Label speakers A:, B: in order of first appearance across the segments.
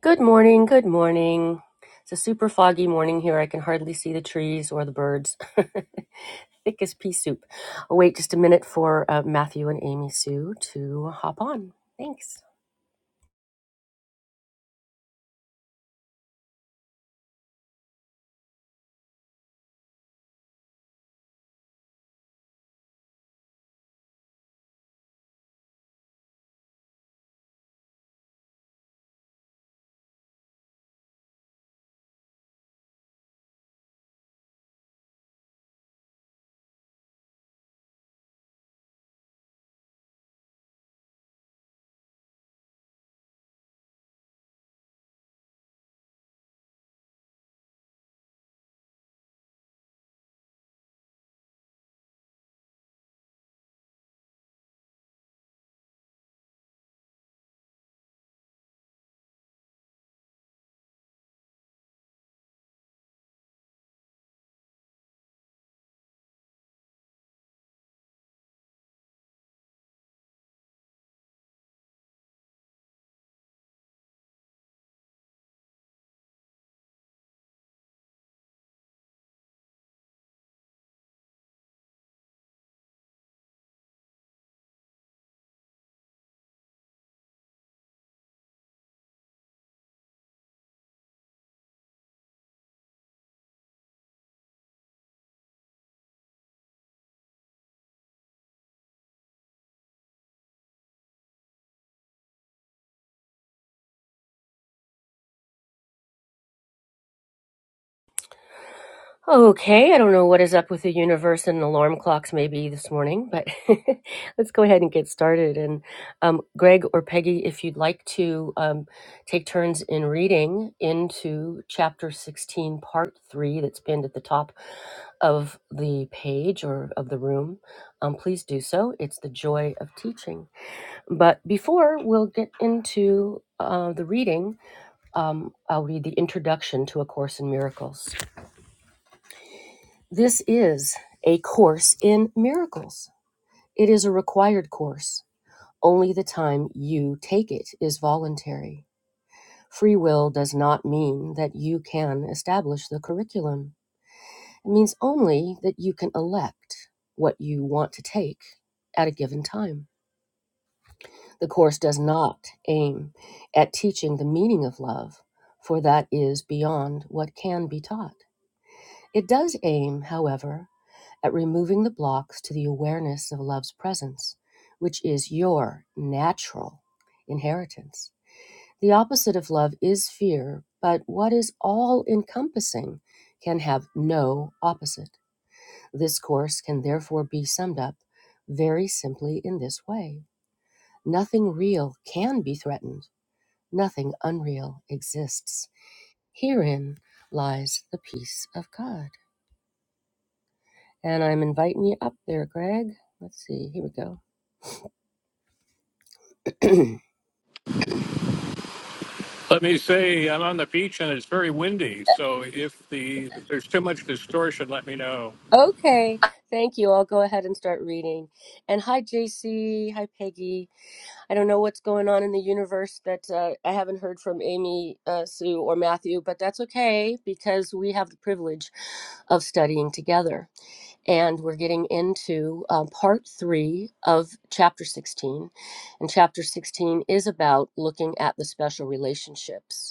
A: Good morning, good morning. It's a super foggy morning here. I can hardly see the trees or the birds. Thick as pea soup. I'll wait just a minute for uh, Matthew and Amy Sue to hop on. Thanks. Okay, I don't know what is up with the universe and alarm clocks maybe this morning, but let's go ahead and get started. And um, Greg or Peggy, if you'd like to um, take turns in reading into chapter 16, part three, that's pinned at the top of the page or of the room, um, please do so. It's the joy of teaching. But before we'll get into uh, the reading, um, I'll read the introduction to A Course in Miracles. This is a course in miracles. It is a required course. Only the time you take it is voluntary. Free will does not mean that you can establish the curriculum. It means only that you can elect what you want to take at a given time. The course does not aim at teaching the meaning of love, for that is beyond what can be taught. It does aim, however, at removing the blocks to the awareness of love's presence, which is your natural inheritance. The opposite of love is fear, but what is all encompassing can have no opposite. This course can therefore be summed up very simply in this way Nothing real can be threatened, nothing unreal exists. Herein lies the peace of God. And I'm inviting you up there, Greg. Let's see, here we go.
B: Let me say, I'm on the beach and it's very windy. So if the if there's too much distortion, let me know.
A: Okay, thank you. I'll go ahead and start reading. And hi, JC. Hi, Peggy. I don't know what's going on in the universe that uh, I haven't heard from Amy, uh, Sue, or Matthew, but that's okay because we have the privilege of studying together. And we're getting into um, part three of chapter 16. And chapter 16 is about looking at the special relationships.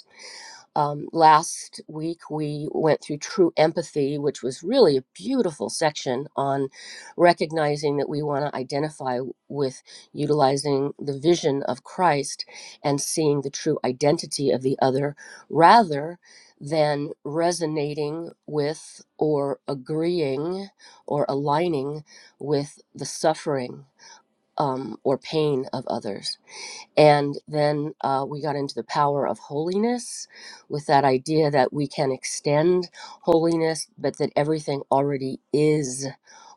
A: Um, last week, we went through True Empathy, which was really a beautiful section on recognizing that we want to identify with utilizing the vision of Christ and seeing the true identity of the other rather than resonating with or agreeing or aligning with the suffering um, or pain of others and then uh, we got into the power of holiness with that idea that we can extend holiness, but that everything already is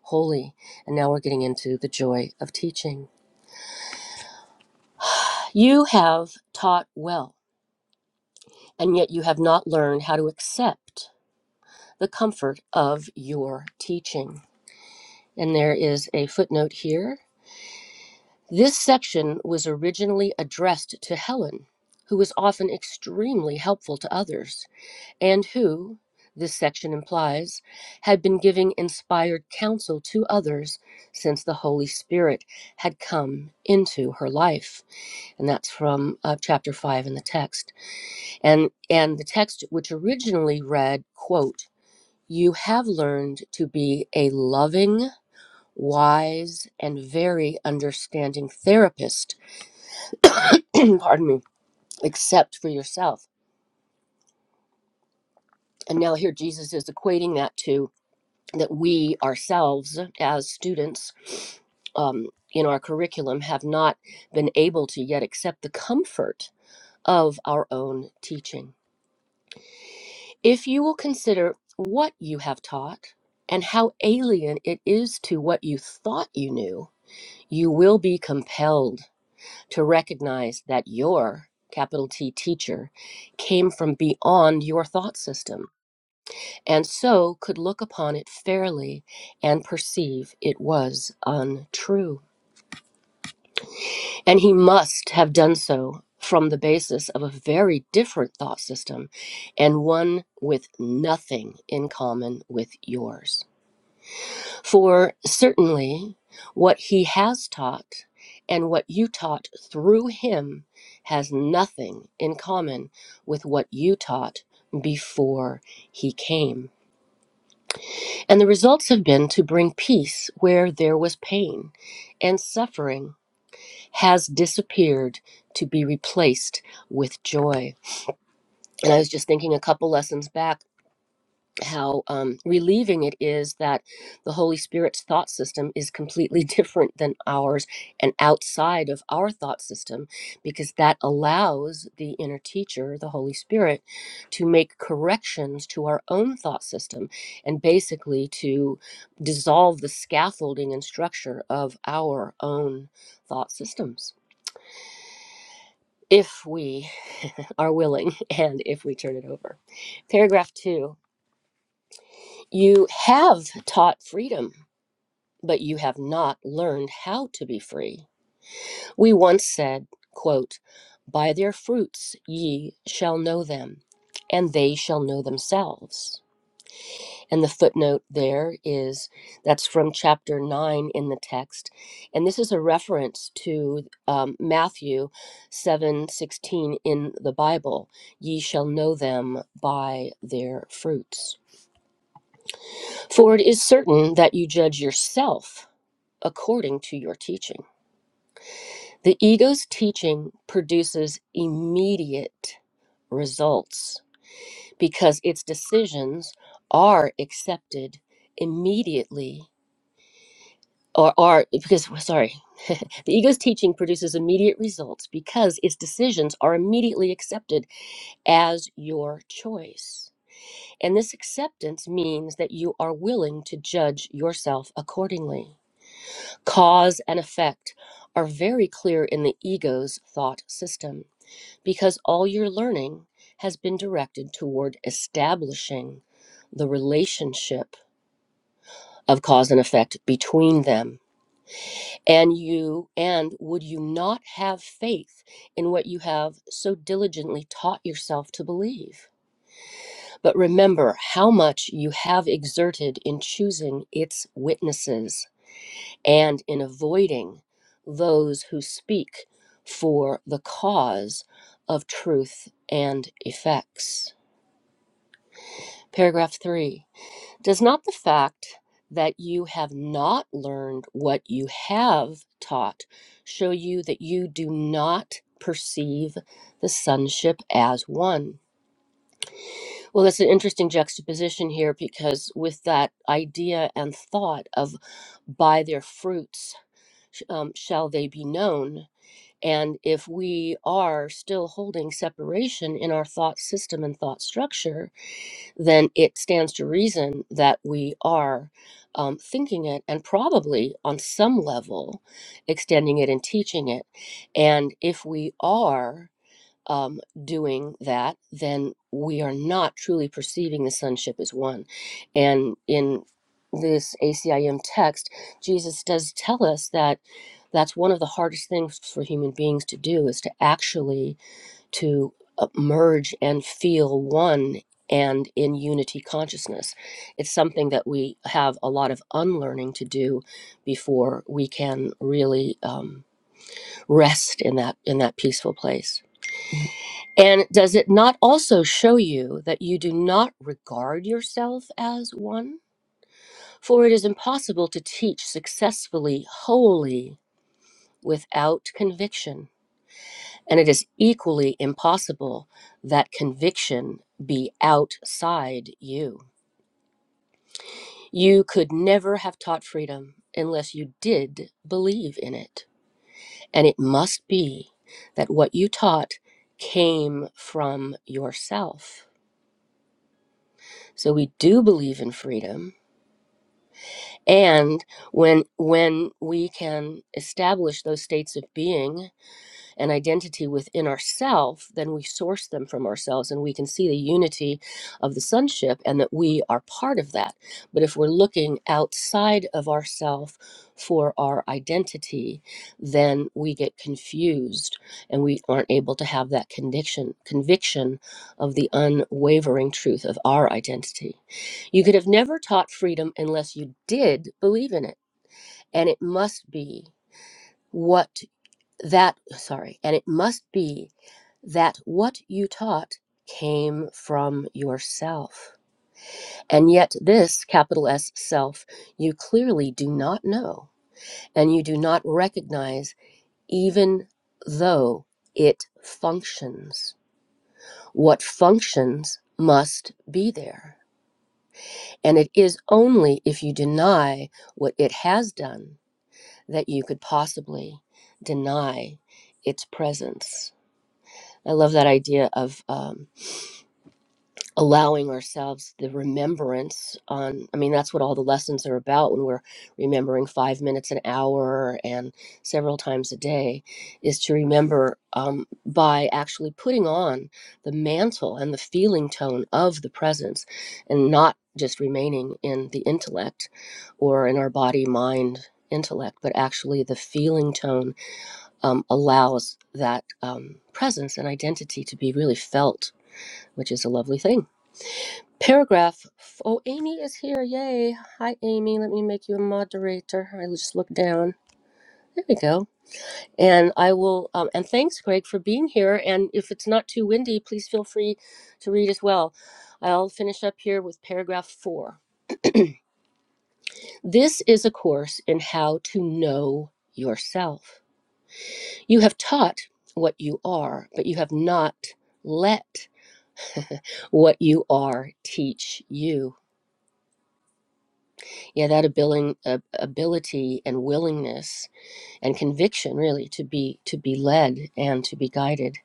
A: holy. And now we're getting into the joy of teaching. You have taught well, and yet you have not learned how to accept the comfort of your teaching. And there is a footnote here. This section was originally addressed to Helen, who was often extremely helpful to others. and who, this section implies, had been giving inspired counsel to others since the Holy Spirit had come into her life. And that's from uh, chapter 5 in the text. And, and the text, which originally read, quote, You have learned to be a loving, wise, and very understanding therapist, pardon me, except for yourself. And now here Jesus is equating that to that we ourselves as students um, in our curriculum have not been able to yet accept the comfort of our own teaching. If you will consider what you have taught and how alien it is to what you thought you knew, you will be compelled to recognize that your capital T teacher came from beyond your thought system and so could look upon it fairly and perceive it was untrue. And he must have done so from the basis of a very different thought system and one with nothing in common with yours. For certainly what he has taught and what you taught through him has nothing in common with what you taught before he came. And the results have been to bring peace where there was pain, and suffering has disappeared to be replaced with joy. And I was just thinking a couple lessons back how um, relieving it is that the Holy Spirit's thought system is completely different than ours and outside of our thought system, because that allows the inner teacher, the Holy Spirit, to make corrections to our own thought system and basically to dissolve the scaffolding and structure of our own thought systems. If we are willing and if we turn it over. Paragraph two you have taught freedom. but you have not learned how to be free. We once said, quote, By their fruits ye shall know them, and they shall know themselves. And the footnote there is that's from chapter 9 in the text. And this is a reference to um, Matthew seven sixteen in the Bible Ye shall know them by their fruits. For it is certain that you judge yourself according to your teaching. The ego's teaching produces immediate results because its decisions are accepted immediately or are because well, sorry the ego's teaching produces immediate results because its decisions are immediately accepted as your choice and this acceptance means that you are willing to judge yourself accordingly cause and effect are very clear in the ego's thought system because all your learning has been directed toward establishing the relationship of cause and effect between them. And you, and would you not have faith in what you have so diligently taught yourself to believe? But remember how much you have exerted in choosing its witnesses and in avoiding those who speak for the cause of truth and effects. Paragraph three Does not the fact that you have not learned what you have taught show you that you do not perceive the sonship as one? Well, that's an interesting juxtaposition here because with that idea and thought of by their fruits sh- um, shall they be known. And if we are still holding separation in our thought system and thought structure, then it stands to reason that we are um, thinking it and probably on some level extending it and teaching it. And if we are um, doing that, then we are not truly perceiving the sonship as one. And in this ACIM text, Jesus does tell us that that's one of the hardest things for human beings to do is to actually to uh, merge and feel one and in unity consciousness. It's something that we have a lot of unlearning to do before we can really um, rest in that in that peaceful place. And does it not also show you that you do not regard yourself as one? For it is impossible to teach successfully wholly without conviction And it is equally impossible that conviction be outside you. You could never have taught freedom unless you did believe in it. And it must be that what you taught came from yourself. So we do believe in freedom and when when we can establish those states of being An identity within ourself, then we source them from ourselves and we can see the unity of the sonship and that we are part of that. But if we're looking outside of ourself for our identity, then we get confused and we aren't able to have that conviction conviction of the unwavering truth of our identity. You could have never taught freedom unless you did believe in it. And it must be what that sorry and it must be that what you taught came from yourself and yet this capital s self you clearly do not know and you do not recognize even though it functions what functions must be there and it is only if you deny what it has done that you could possibly deny its presence I love that idea of um, allowing ourselves the remembrance on. I mean, that's what all the lessons are about when we're remembering five minutes an hour and several times a day, is to remember um, by actually putting on the mantle and the feeling tone of the presence and not just remaining in the intellect or in our body, mind, intellect, but actually the feeling tone um, allows that um, presence and identity to be really felt which is a lovely thing. Paragraph. Oh, Amy is here. Yay. Hi, Amy. Let me make you a moderator. I just look down. There we go. And I will, um, and thanks, Greg, for being here. And if it's not too windy, please feel free to read as well. I'll finish up here with paragraph four. This is a course in how to know yourself. You have taught what you are, but you have not let what you are teach you. yeah that ability, uh, ability and willingness and conviction really to be to be led and to be guided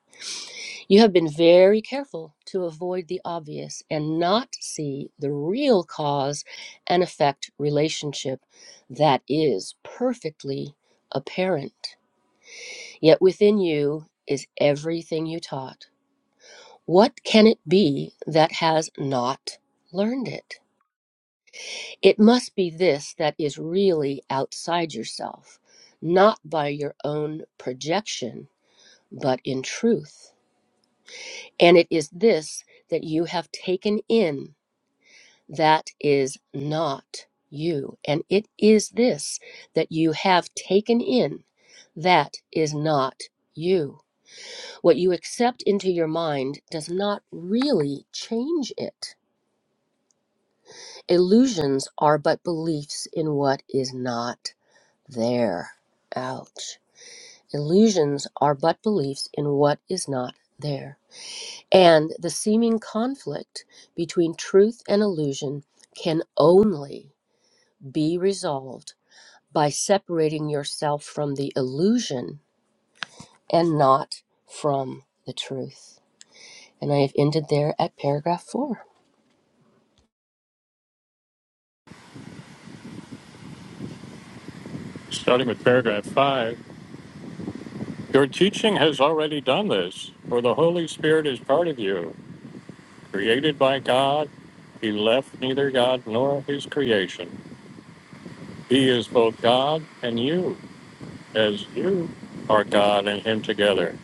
A: you have been very careful to avoid the obvious and not see the real cause and effect relationship that is perfectly apparent yet within you is everything you taught what can it be that has not learned it It must be this that is really outside yourself, not by your own projection, but in truth. And it is this that you have taken in that is not you. And it is this that you have taken in that is not you. What you accept into your mind does not really change it. Illusions are but beliefs in what is not. there. Ouch. Illusions are but beliefs in what is not there. And the seeming conflict between truth and illusion can only be resolved by separating yourself from the illusion and not from the truth. And I have ended there at paragraph four.
B: Starting with paragraph five, your teaching has already done this, for the Holy Spirit is part of you, created by God. He left neither God nor his creation. He is both God and you, as you are God and him together.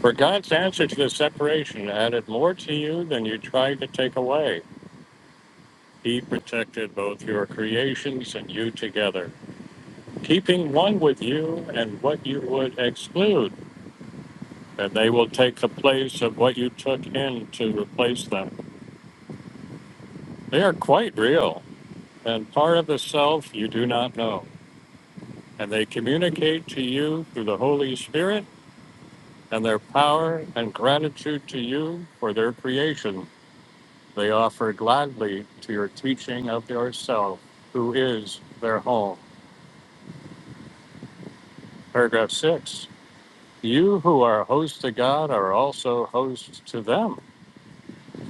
B: For God's answer to the separation added more to you than you tried to take away. He protected both your creations and you together, keeping one with you and what you would exclude, and they will take the place of what you took in to replace them. They are quite real and part of the self you do not know, and they communicate to you through the Holy Spirit and their power and gratitude to you for their creation. They offer gladly to your teaching of yourself, who is their home. Paragraph 6. You who are hosts to God are also hosts to them,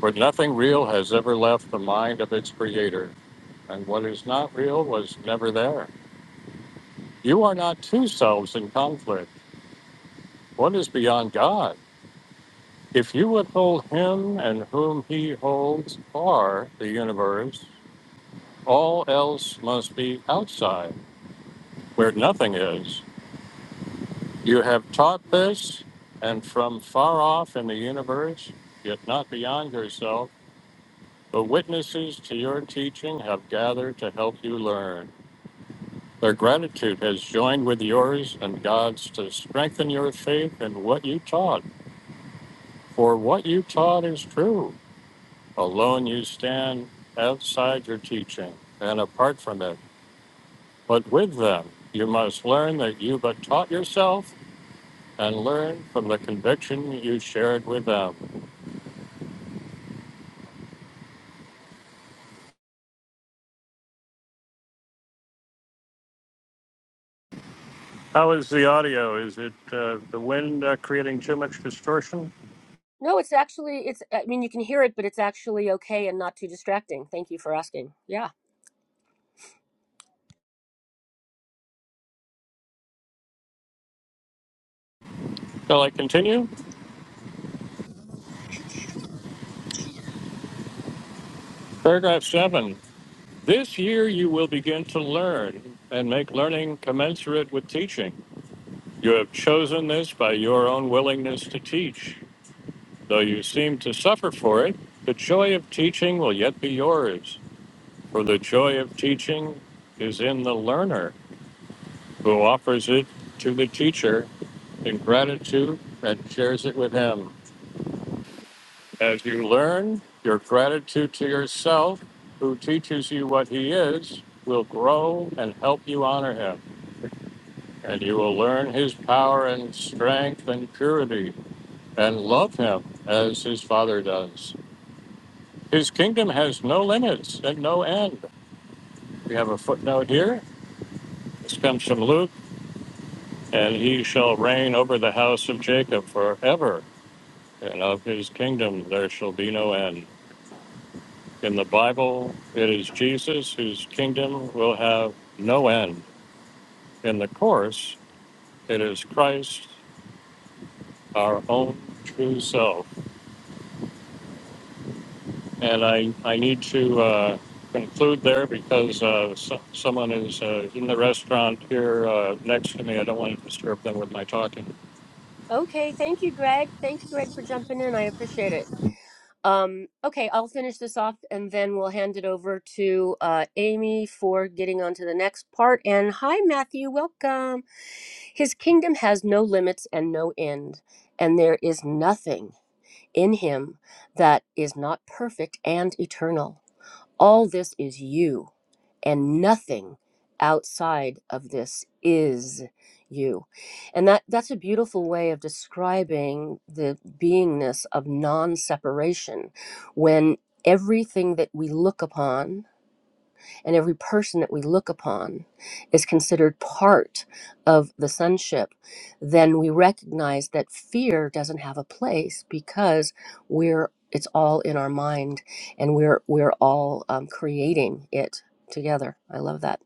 B: for nothing real has ever left the mind of its creator, and what is not real was never there. You are not two selves in conflict. One is beyond God. If you withhold him and whom he holds are the universe, all else must be outside, where nothing is. You have taught this, and from far off in the universe, yet not beyond yourself. The witnesses to your teaching have gathered to help you learn. Their gratitude has joined with yours and God's to strengthen your faith in what you taught. For what you taught is true. Alone you stand outside your teaching and apart from it. But with them, you must learn that you but taught yourself and learn from the conviction you shared with them. How is the audio? Is it uh, the wind uh, creating too much distortion?
A: No, it's actually it's I mean you can hear it, but it's actually okay and not too distracting. Thank you for asking. Yeah.
B: Shall I continue? Paragraph 7. This year you will begin to learn and make learning commensurate with teaching. You have chosen this by your own willingness to teach. Though you seem to suffer for it, the joy of teaching will yet be yours, for the joy of teaching is in the learner who offers it to the teacher in gratitude and shares it with him. As you learn, your gratitude to yourself, who teaches you what he is, will grow and help you honor him. and you will learn his power and strength and purity, and love him as his Father does. His kingdom has no limits and no end. We have a footnote here. This comes from Luke, and he shall reign over the house of Jacob forever, and of his kingdom there shall be no end. In the Bible, it is Jesus whose kingdom will have no end. In the Course, it is Christ, our own true self And I, I need to uh, conclude there because uh, so, someone is uh, in the restaurant here uh, next to me. I don't want to disturb them with my talking.
A: Okay, thank you, Greg. Thank you, Greg, for jumping in. I appreciate it. Um, okay, I'll finish this off and then we'll hand it over to uh, Amy for getting on to the next part. And hi, Matthew, welcome. His kingdom has no limits and no end, and there is nothing in him that is not perfect and eternal. All this is you and nothing outside of this is you and that that's a beautiful way of describing the beingness of non-separation when everything that we look upon and every person that we look upon is considered part of the sonship, then we recognize that fear doesn't have a place because we're it's all in our mind, and we're we're all um, creating it together. I love that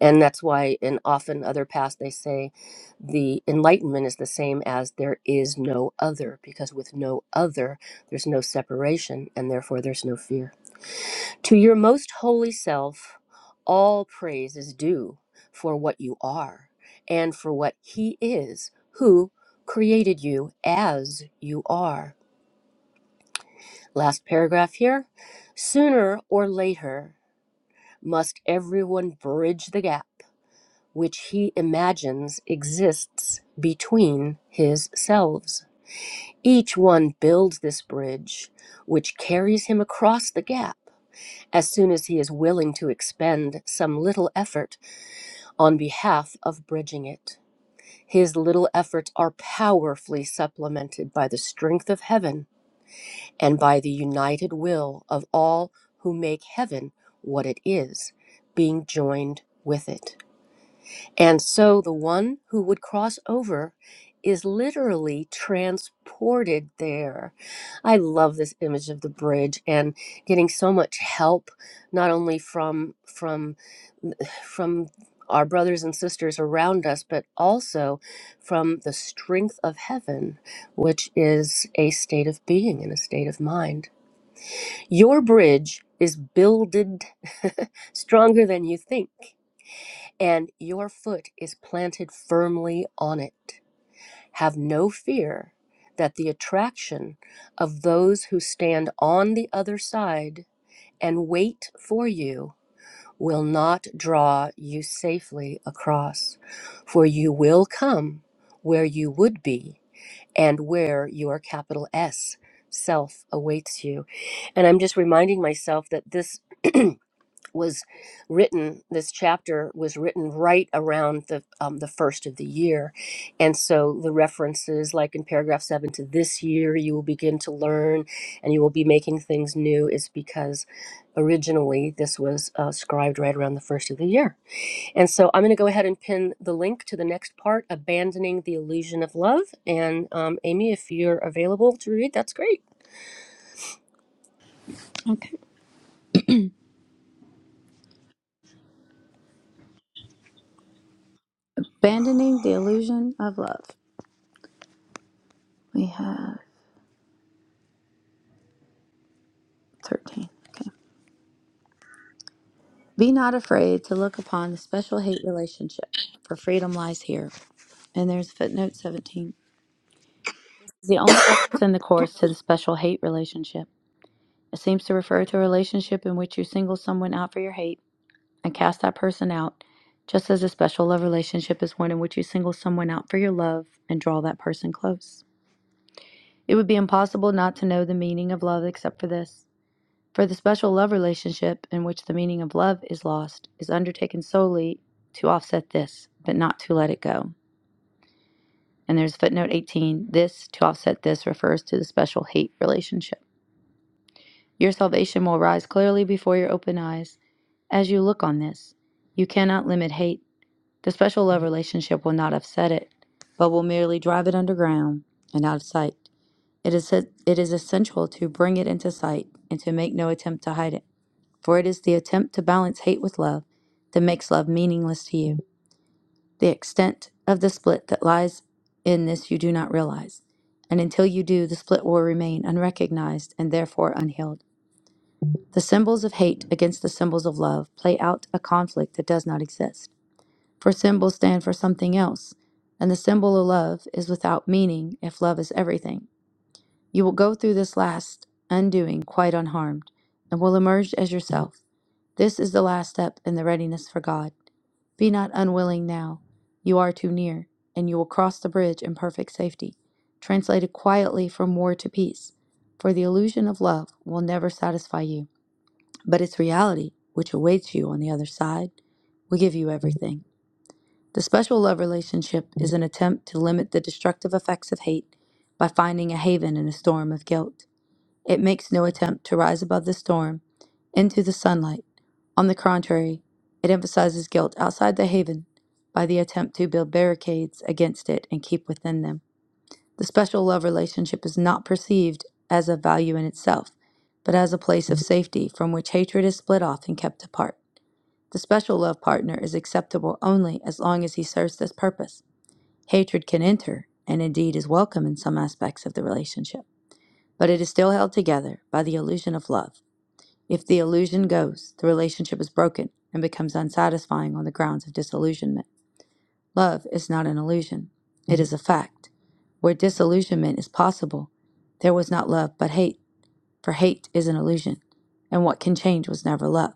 A: and that's why in often other paths they say the enlightenment is the same as there is no other because with no other there's no separation and therefore there's no fear to your most holy self, all praise is due for what you are and for what He is who created you as you are. Last paragraph here. Sooner or later, must everyone bridge the gap which he imagines exists between his selves. Each one builds this bridge which carries him across the gap as soon as he is willing to expend some little effort on behalf of bridging it. His little efforts are powerfully supplemented by the strength of heaven and by the united will of all who make heaven what it is, being joined with it. And so the one who would cross over is literally transported there. I love this image of the bridge and getting so much help not only from from from our brothers and sisters around us but also from the strength of heaven which is a state of being and a state of mind. Your bridge is builded stronger than you think and your foot is planted firmly on it. Have no fear that the attraction of those who stand on the other side and wait for you will not draw you safely across, for you will come where you would be and where your capital S self awaits you. And I'm just reminding myself that this. was written this chapter was written right around the um, the first of the year and so the references like in paragraph 7 to this year you will begin to learn and you will be making things new is because originally this was uh, scribed right around the first of the year and so i'm going to go ahead and pin the link to the next part abandoning the illusion of love and um, amy if you're available to read that's great
C: Okay. Abandoning the illusion of love. We have 13. Okay. Be not afraid to look upon the special hate relationship, for freedom lies here. And there's footnote 17. It's the only reference in the Course to the special hate relationship. It seems to refer to a relationship in which you single someone out for your hate and cast that person out, just as a special love relationship is one in which you single someone out for your love and draw that person close. It would be impossible not to know the meaning of love except for this. For the special love relationship in which the meaning of love is lost is undertaken solely to offset this, but not to let it go. And there's footnote 18 this to offset this refers to the special hate relationship. Your salvation will rise clearly before your open eyes as you look on this. You cannot limit hate. The special love relationship will not offset it, but will merely drive it underground and out of sight. It is, it is essential to bring it into sight and to make no attempt to hide it. For it is the attempt to balance hate with love that makes love meaningless to you. The extent of the split that lies in this you do not realize. And until you do, the split will remain unrecognized and therefore unhealed. The symbols of hate against the symbols of love play out a conflict that does not exist. For symbols stand for something else, and the symbol of love is without meaning if love is everything. You will go through this last undoing quite unharmed, and will emerge as yourself. This is the last step in the readiness for God. Be not unwilling now. You are too near, and you will cross the bridge in perfect safety, translated quietly from war to peace. For the illusion of love will never satisfy you, but its reality, which awaits you on the other side, will give you everything. The special love relationship is an attempt to limit the destructive effects of hate by finding a haven in a storm of guilt. It makes no attempt to rise above the storm into the sunlight. On the contrary, it emphasizes guilt outside the haven by the attempt to build barricades against it and keep within them. The special love relationship is not perceived as a value in itself, but as a place of safety from which hatred is split off and kept apart. The special love partner is acceptable only as long as he serves this purpose. Hatred can enter, and indeed is welcome in some aspects of the relationship, but it is still held together by the illusion of love. If the illusion goes, the relationship is broken and becomes unsatisfying on the grounds of disillusionment. Love is not an illusion, it is a fact. Where disillusionment is possible, there was not love but hate, for hate is an illusion, and what can change was never love.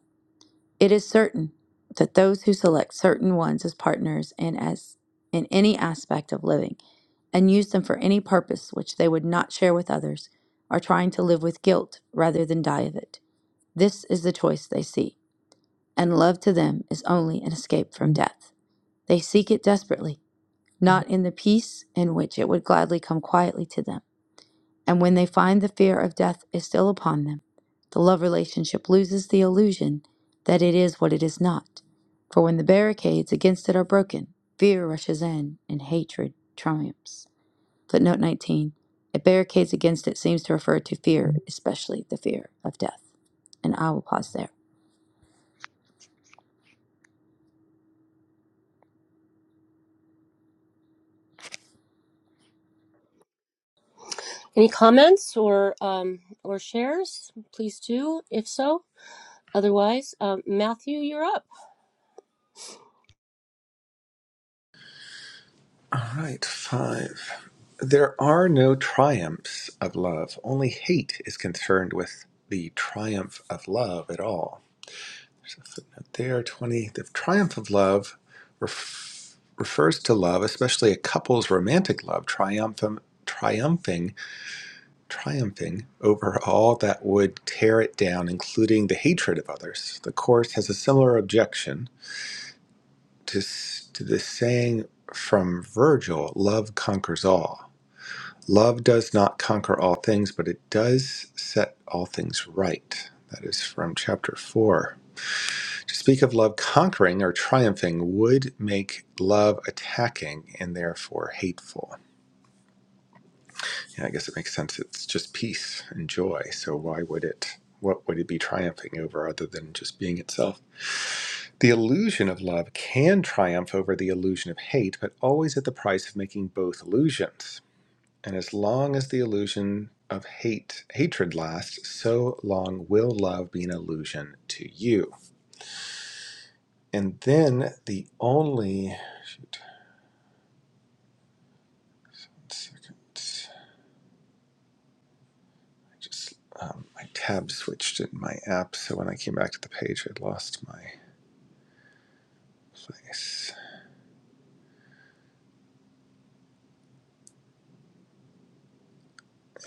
C: It is certain that those who select certain ones as partners and as in any aspect of living and use them for any purpose which they would not share with others are trying to live with guilt rather than die of it. This is the choice they see and love to them is only an escape from death. They seek it desperately, not in the peace in which it would gladly come quietly to them. And when they find the fear of death is still upon them, the love relationship loses the illusion that it is what it is not. For when the barricades against it are broken, fear rushes in and hatred triumphs. Footnote 19. If barricades against it seems to refer to fear, especially the fear of death. And I will pause there.
A: Any comments or um, or shares? Please do, if so. Otherwise, um, Matthew, you're up.
D: All right, five. There are no triumphs of love. Only hate is concerned with the triumph of love at all. There, 20. The triumph of love refers to love, especially a couple's romantic love, triumphant, triumphing, triumphing over all that would tear it down, including the hatred of others. The Course has a similar objection to, s- to the saying from Virgil love conquers all Love does not conquer all things, but it does set all things right. That is from chapter 4. To speak of love conquering or triumphing would make love attacking and therefore hateful. Yeah, I guess it makes sense. It's just peace and joy. So why would it? What would it be triumphing over other than just being itself? The illusion of love can triumph over the illusion of hate, but always at the price of making both illusions. And as long as the illusion of hate hatred lasts, so long will love be an illusion to you. And then the only shoot, one second, I just um, my tab switched in my app, so when I came back to the page, I lost my place.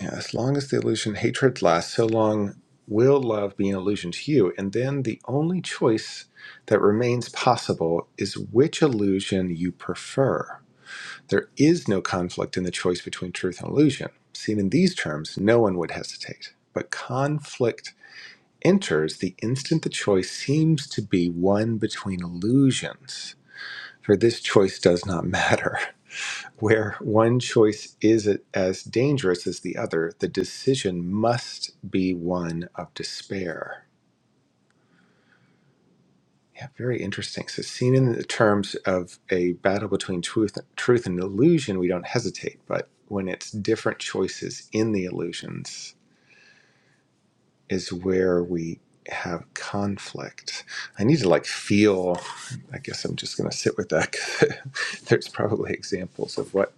D: Yeah, as long as the illusion hatred lasts, so long will love be an illusion to you. And then the only choice that remains possible is which illusion you prefer There is no conflict in the choice between truth and illusion. Seen in these terms, no one would hesitate. But conflict enters the instant the choice seems to be one between illusions, for this choice does not matter. Where one choice is as dangerous as the other, the decision must be one of despair. Yeah, very interesting. So, seen in the terms of a battle between truth, truth and illusion, we don't hesitate. But when it's different choices in the illusions, is where we have conflict. I need to like feel. I guess I'm just going to sit with that. There's probably examples of what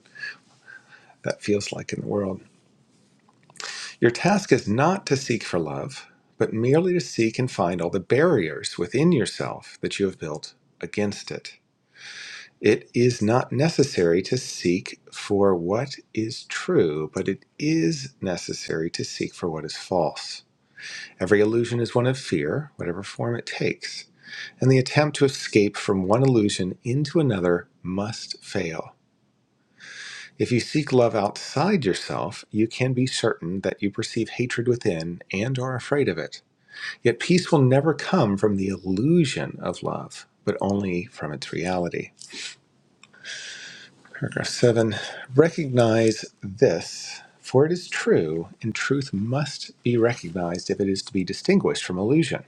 D: that feels like in the world. Your task is not to seek for love, but merely to seek and find all the barriers within yourself that you have built against it It is not necessary to seek for what is true, but it is necessary to seek for what is false. Every illusion is one of fear, whatever form it takes, and the attempt to escape from one illusion into another must fail. If you seek love outside yourself, you can be certain that you perceive hatred within and are afraid of it. Yet peace will never come from the illusion of love, but only from its reality. Paragraph seven Recognize this, for it is true, and truth must be recognized if it is to be distinguished from illusion.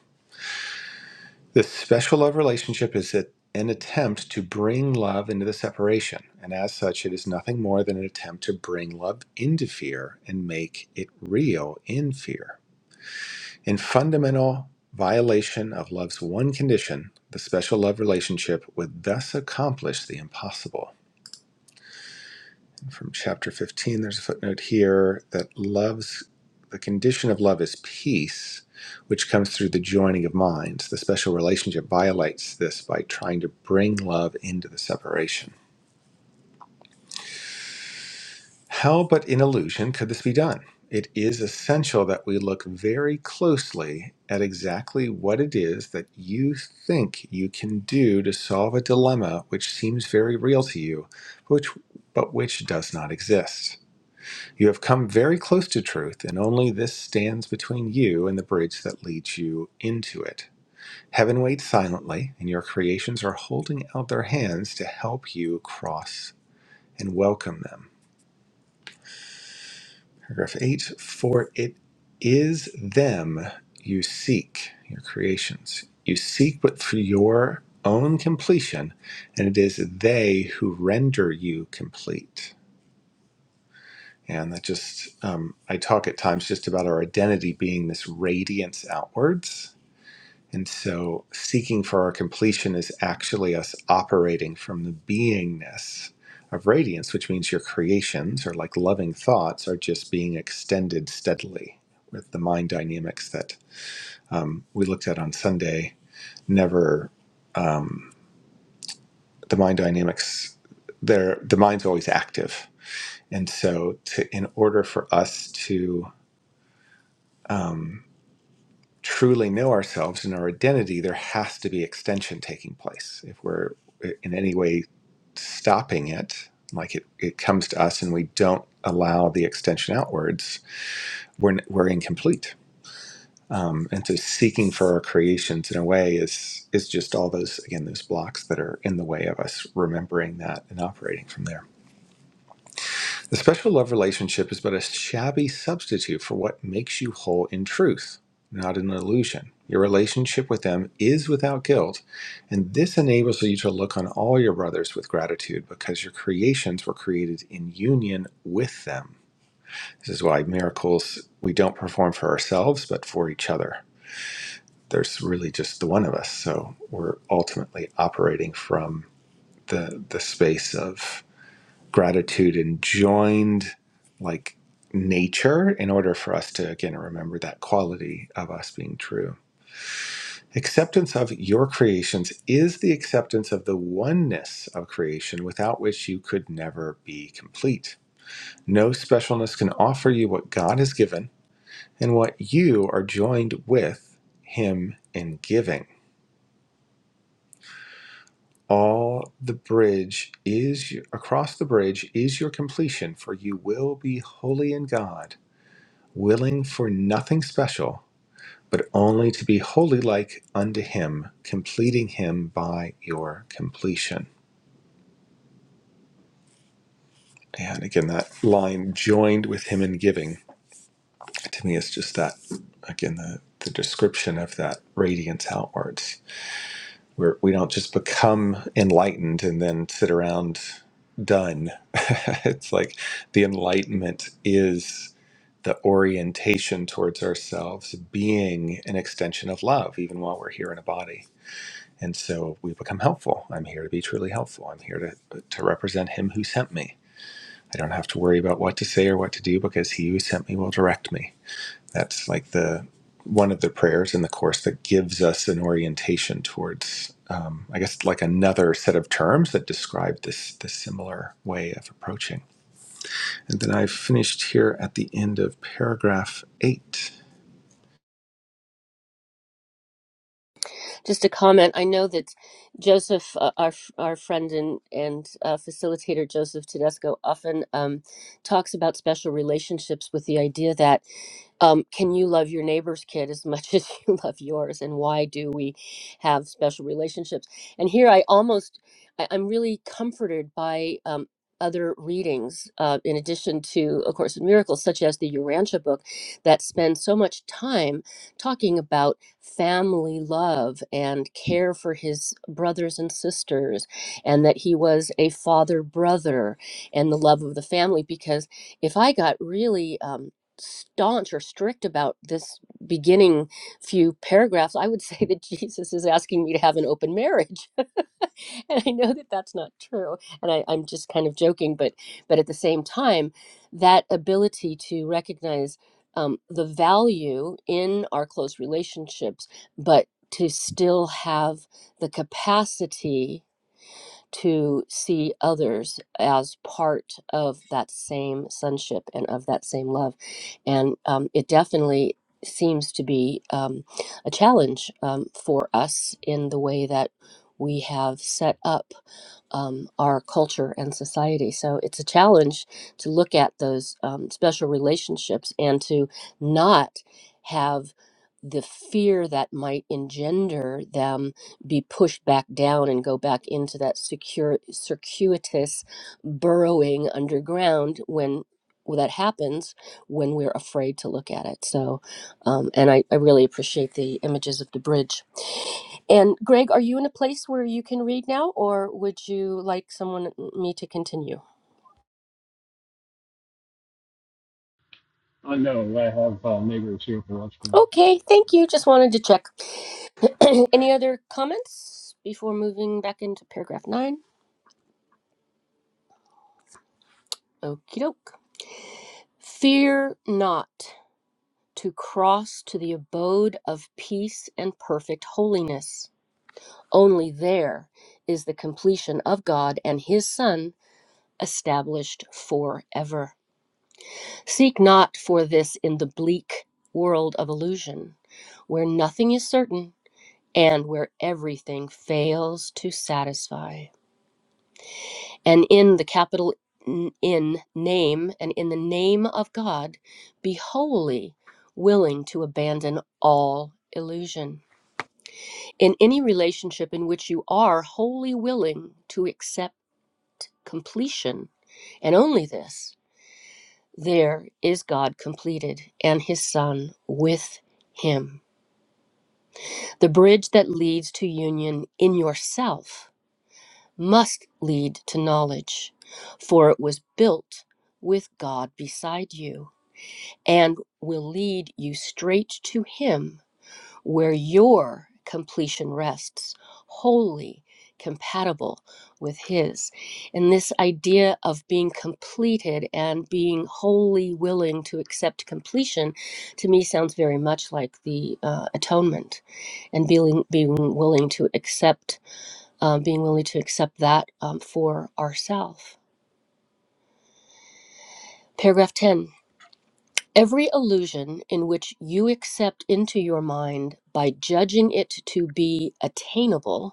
D: This special love relationship is at- an attempt to bring love into the separation, and as such, it is nothing more than an attempt to bring love into fear and make it real in fear. In fundamental violation of love's one condition, the special love relationship would thus accomplish the impossible. from chapter 15. There's a footnote here that love's the condition of love is peace, which comes through the joining of minds. The special relationship violates this by trying to bring love into the separation. How but in illusion could this be done? It is essential that we look very closely at exactly what it is that you think you can do to solve a dilemma which seems very real to you, which, but which does not exist. You have come very close to truth, and only this stands between you and the bridge that leads you into it. Heaven waits silently, and your creations are holding out their hands to help you cross and welcome them. Paragraph 8 For it is them you seek, your creations. You seek but for your own completion, and it is they who render you complete. And that just, um, I talk at times just about our identity being this radiance outwards. And so seeking for our completion is actually us operating from the beingness of radiance, which means your creations or like loving thoughts are just being extended steadily with the mind dynamics that um, we looked at on Sunday. Never, um, the mind dynamics, they're- the mind's always active. And so to, in order for us to, um, truly know ourselves and our identity, there has to be extension taking place. If we're uh, in any way stopping it, like it, it comes to us and we don't allow the extension outwards, we're, we're incomplete. Um, and so seeking for our creations in a way is is just all those again those blocks that are in the way of us remembering that and operating from there. The special love relationship is but a shabby substitute for what makes you whole in truth, not an illusion. Your relationship with them is without guilt, and this enables you to look on all your brothers with gratitude because your creations were created in union with them. This is why miracles we don't perform for ourselves, but for each other. There's really just the one of us, so we're ultimately operating from the the space of gratitude and joined like nature in order for us to again remember that quality of us being true. Acceptance of your creations is the acceptance of the oneness of creation without which you could never be complete. No specialness can offer you what God has given and what you are joined with Him in giving. All the bridge is across the bridge is your completion, for you will be holy in God willing for nothing special, but only to be wholly like unto him, completing him by your completion. And again, that line joined with him in giving to me is just that again the, the description of that radiance outwards. We're, we don't just become enlightened and then sit around done. it's like the enlightenment is the orientation towards ourselves being an extension of love, even while we're here in a body And so we become helpful. I'm here to be truly helpful. I'm here to, to represent Him who sent me. I don't have to worry about what to say or what to do because He who sent me will direct me. That's like the one of the prayers in the course that gives us an orientation towards, um, I guess, like another set of terms that describe this this similar way of approaching. And then I've finished here at the end of paragraph eight.
A: Just a comment. I know that Joseph, uh, our our friend and and uh, facilitator Joseph Tedesco, often um, talks about special relationships with the idea that um, can you love your neighbor's kid as much as you love yours and why do we have special relationships and here i almost I, i'm really comforted by um, other readings uh, in addition to a course in miracles such as the urantia book that spends so much time talking about family love and care for his brothers and sisters and that he was a father brother and the love of the family because if i got really um, staunch or strict about this beginning few paragraphs, I would say that Jesus is asking me to have an open marriage. and I know that that's not true. And I, I'm just kind of joking, but but at the same time, that ability to recognize um, the value in our close relationships, but to still have the capacity to see others as part of that same sonship and of that same love. And um, it definitely seems to be um, a challenge um, for us in the way that we have set up um, our culture and society. So it's a challenge to look at those um, special relationships and to not have the fear that might engender them be pushed back down and go back into that secure, circuitous burrowing underground when well, that happens when we're afraid to look at it. So, um, and I, I really appreciate the images of the bridge. And Greg, are you in a place where you can read now, or would you like someone me to continue?
B: I know I have uh, neighbors here for lunch.
A: Okay, thank you. Just wanted to check. Any other comments before moving back into paragraph nine? Okie doke. Fear not. to cross to the abode of peace and perfect holiness. Only there is the completion of God and His Son established forever. Seek not for this in the bleak world of illusion, where nothing is certain and where everything fails to satisfy. And in the capital N- in name and in the name of God, be wholly willing to abandon all illusion In any relationship in which you are wholly willing to accept completion and only this, there is God completed and his Son with him. The bridge that leads to union in yourself must lead to knowledge, for it was built with God beside you and will lead you straight to him where your completion rests, wholly compatible with His. And this idea of being completed and being wholly willing to accept completion to me sounds very much like the uh, atonement and being, being willing to accept, uh, being willing to accept that um, for ourselves. Paragraph 10. Every illusion in which you accept into your mind by judging it to be attainable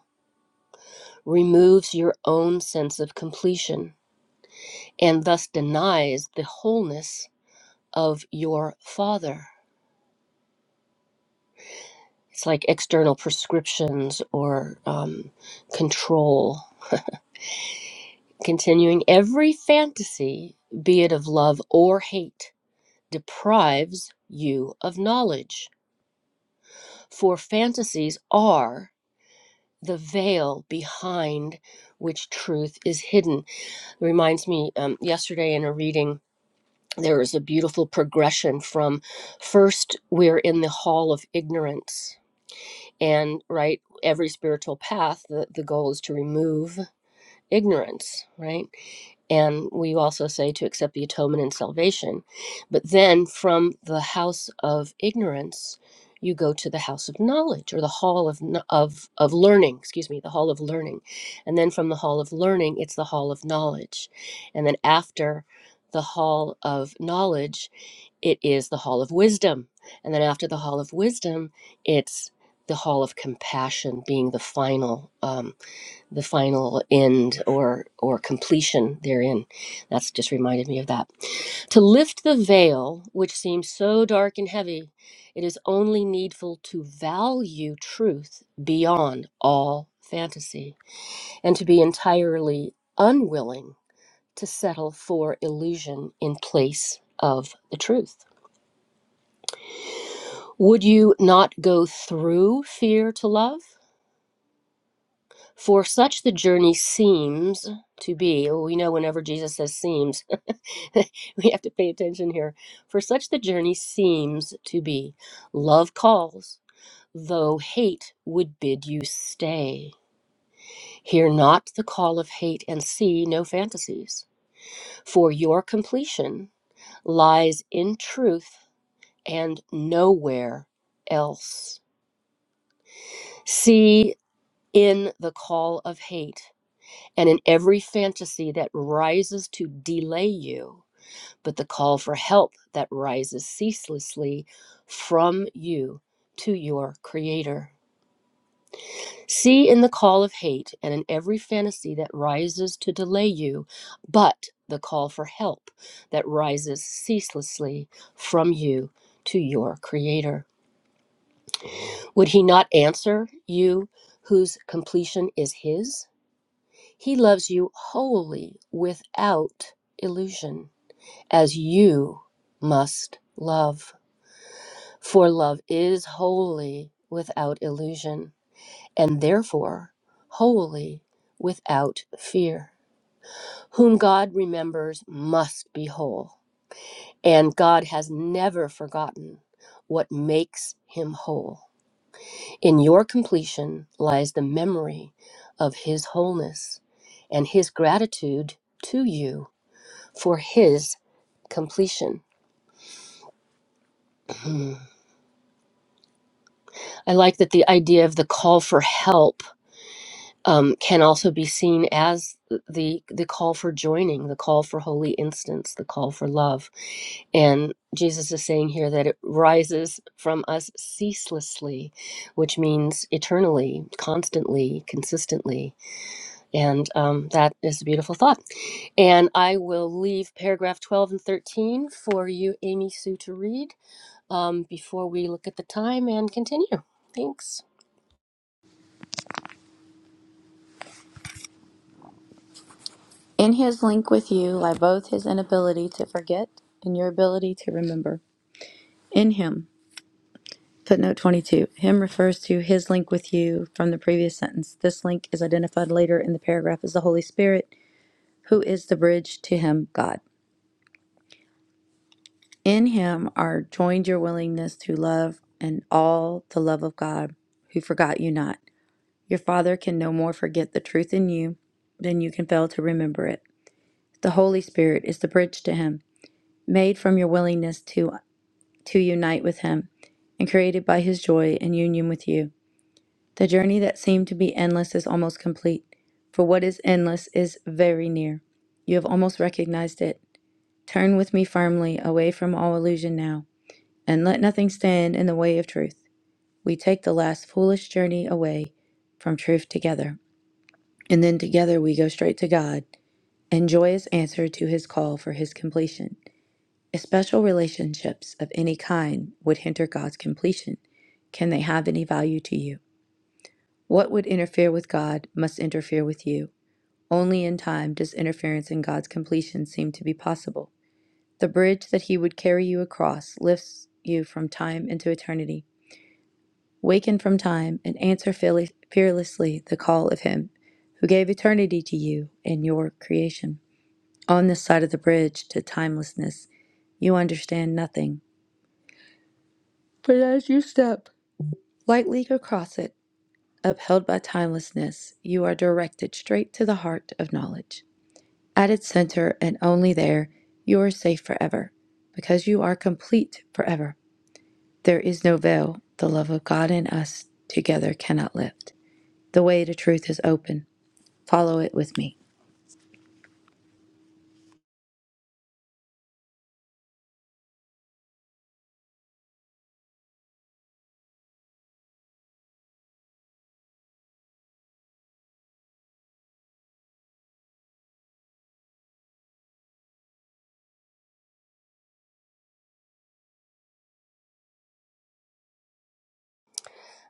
A: removes your own sense of completion and thus denies the wholeness of your father. It's like external prescriptions or um, control. Continuing every fantasy, be it of love or hate, deprives you of knowledge. For fantasies are the veil behind which truth is hidden. It reminds me um, yesterday in a reading There is a beautiful progression from first, we're in the hall of ignorance. And right, every spiritual path, the, the goal is to remove ignorance, right? And we also say to accept the atonement and salvation. But then from the house of ignorance, you go to the house of knowledge or the hall of, kn- of, of learning, excuse me, the hall of learning. And then from the hall of learning, it's the hall of knowledge. And then after the hall of knowledge, it is the hall of wisdom. And then after the hall of wisdom, it's the hall of compassion being the final. Um, the final end or or completion therein that's just reminded me of that to lift the veil which seems so dark and heavy it is only needful to value truth beyond all fantasy and to be entirely unwilling to settle for illusion in place of the truth would you not go through fear to love for such the journey seems to be we know whenever jesus says seems we have to pay attention here. For such the journey seems to be. Love calls, though hate would bid you stay. Hear not the call of hate and see no fantasies. For your completion lies in truth and nowhere else. See in the call of hate and in every fantasy that rises to delay you. but the call for help that rises ceaselessly from you to your Creator. See in the call of hate and in every fantasy that rises to delay you, but the call for help that rises ceaselessly from you to your Creator. Would He not answer you whose completion is His? He loves you wholly without illusion, as you must love. For love is holy without illusion, and therefore holy without fear. Whom God remembers must be whole, and God has never forgotten what makes him whole. In your completion lies the memory of his wholeness and his gratitude to you for his completion. Hmm. I like that the idea of the call for help um, can also be seen as the the call for joining, the call for holy instance, the call for love. And Jesus is saying here that it rises from us ceaselessly, which means eternally, constantly, consistently. And um, that is a beautiful thought. And I will leave paragraph 12 and 13 for you, Amy Sue, to read um, before we look at the time and continue. Thanks.
C: In his link with you lie both his inability to forget and your ability to remember. In him. Footnote 22. Him refers to his link with you from the previous sentence. This link is identified later in the paragraph as the Holy Spirit, who is the bridge to him, God. In him are joined your willingness to love and all the love of God, who forgot you not. Your Father can no more forget the truth in you than you can fail to remember it. The Holy Spirit is the bridge to him, made from your willingness to to unite with Him and created by His joy and union with you. The journey that seemed to be endless is almost complete, for what is endless is very near. You have almost recognized it. Turn with me firmly away from all illusion now, and let nothing stand in the way of truth. We take the last foolish journey away from truth together, and then together we go straight to God and joyous answer to His call for His completion. Special relationships of any kind would hinder God's completion. Can they have any value to you? What would interfere with God must interfere with you. Only in time does interference in God's completion seem to be possible. The bridge that He would carry you across lifts you from time into eternity. Waken from time and answer fearlessly the call of Him who gave eternity to you and your creation. On this side of the bridge to timelessness, you understand nothing. But as you step lightly across it, upheld by timelessness, you are directed straight to the heart of knowledge. At its center, and only there, you are safe forever, because you are complete forever. There is no veil. The love of God and us together cannot lift. The way to truth is open. Follow it with me.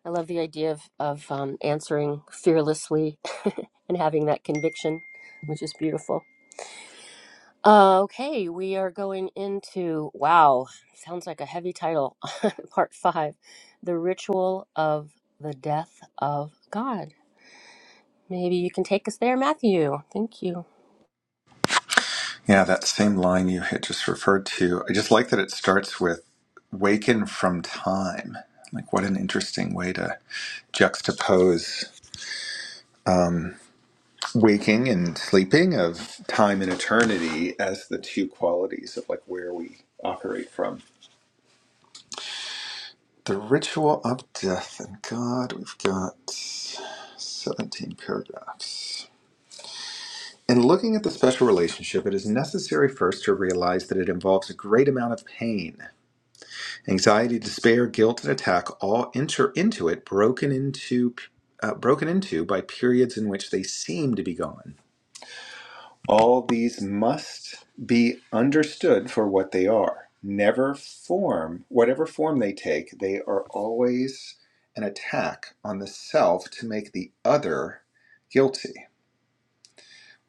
A: I love the idea of, of um, answering fearlessly and having that conviction, which is beautiful. Uh, okay, we are going into wow, sounds like a heavy title, part five The Ritual of the Death of God. Maybe you can take us there, Matthew. Thank you.
D: Yeah, that same line you had just referred to. I just like that it starts with waken from time. Like, what an interesting way to juxtapose waking and sleeping of time and eternity as the two qualities of like where we operate from. The ritual of death and God, we've got 17 paragraphs. In looking at the special relationship, it is necessary first to realize that it involves a great amount of pain. Anxiety, despair, guilt, and attack all enter into it, broken into, uh, broken into by periods in which they seem to be gone. All these must be understood for what they are. Never form, whatever form they take, they are always an attack on the self to make the other guilty.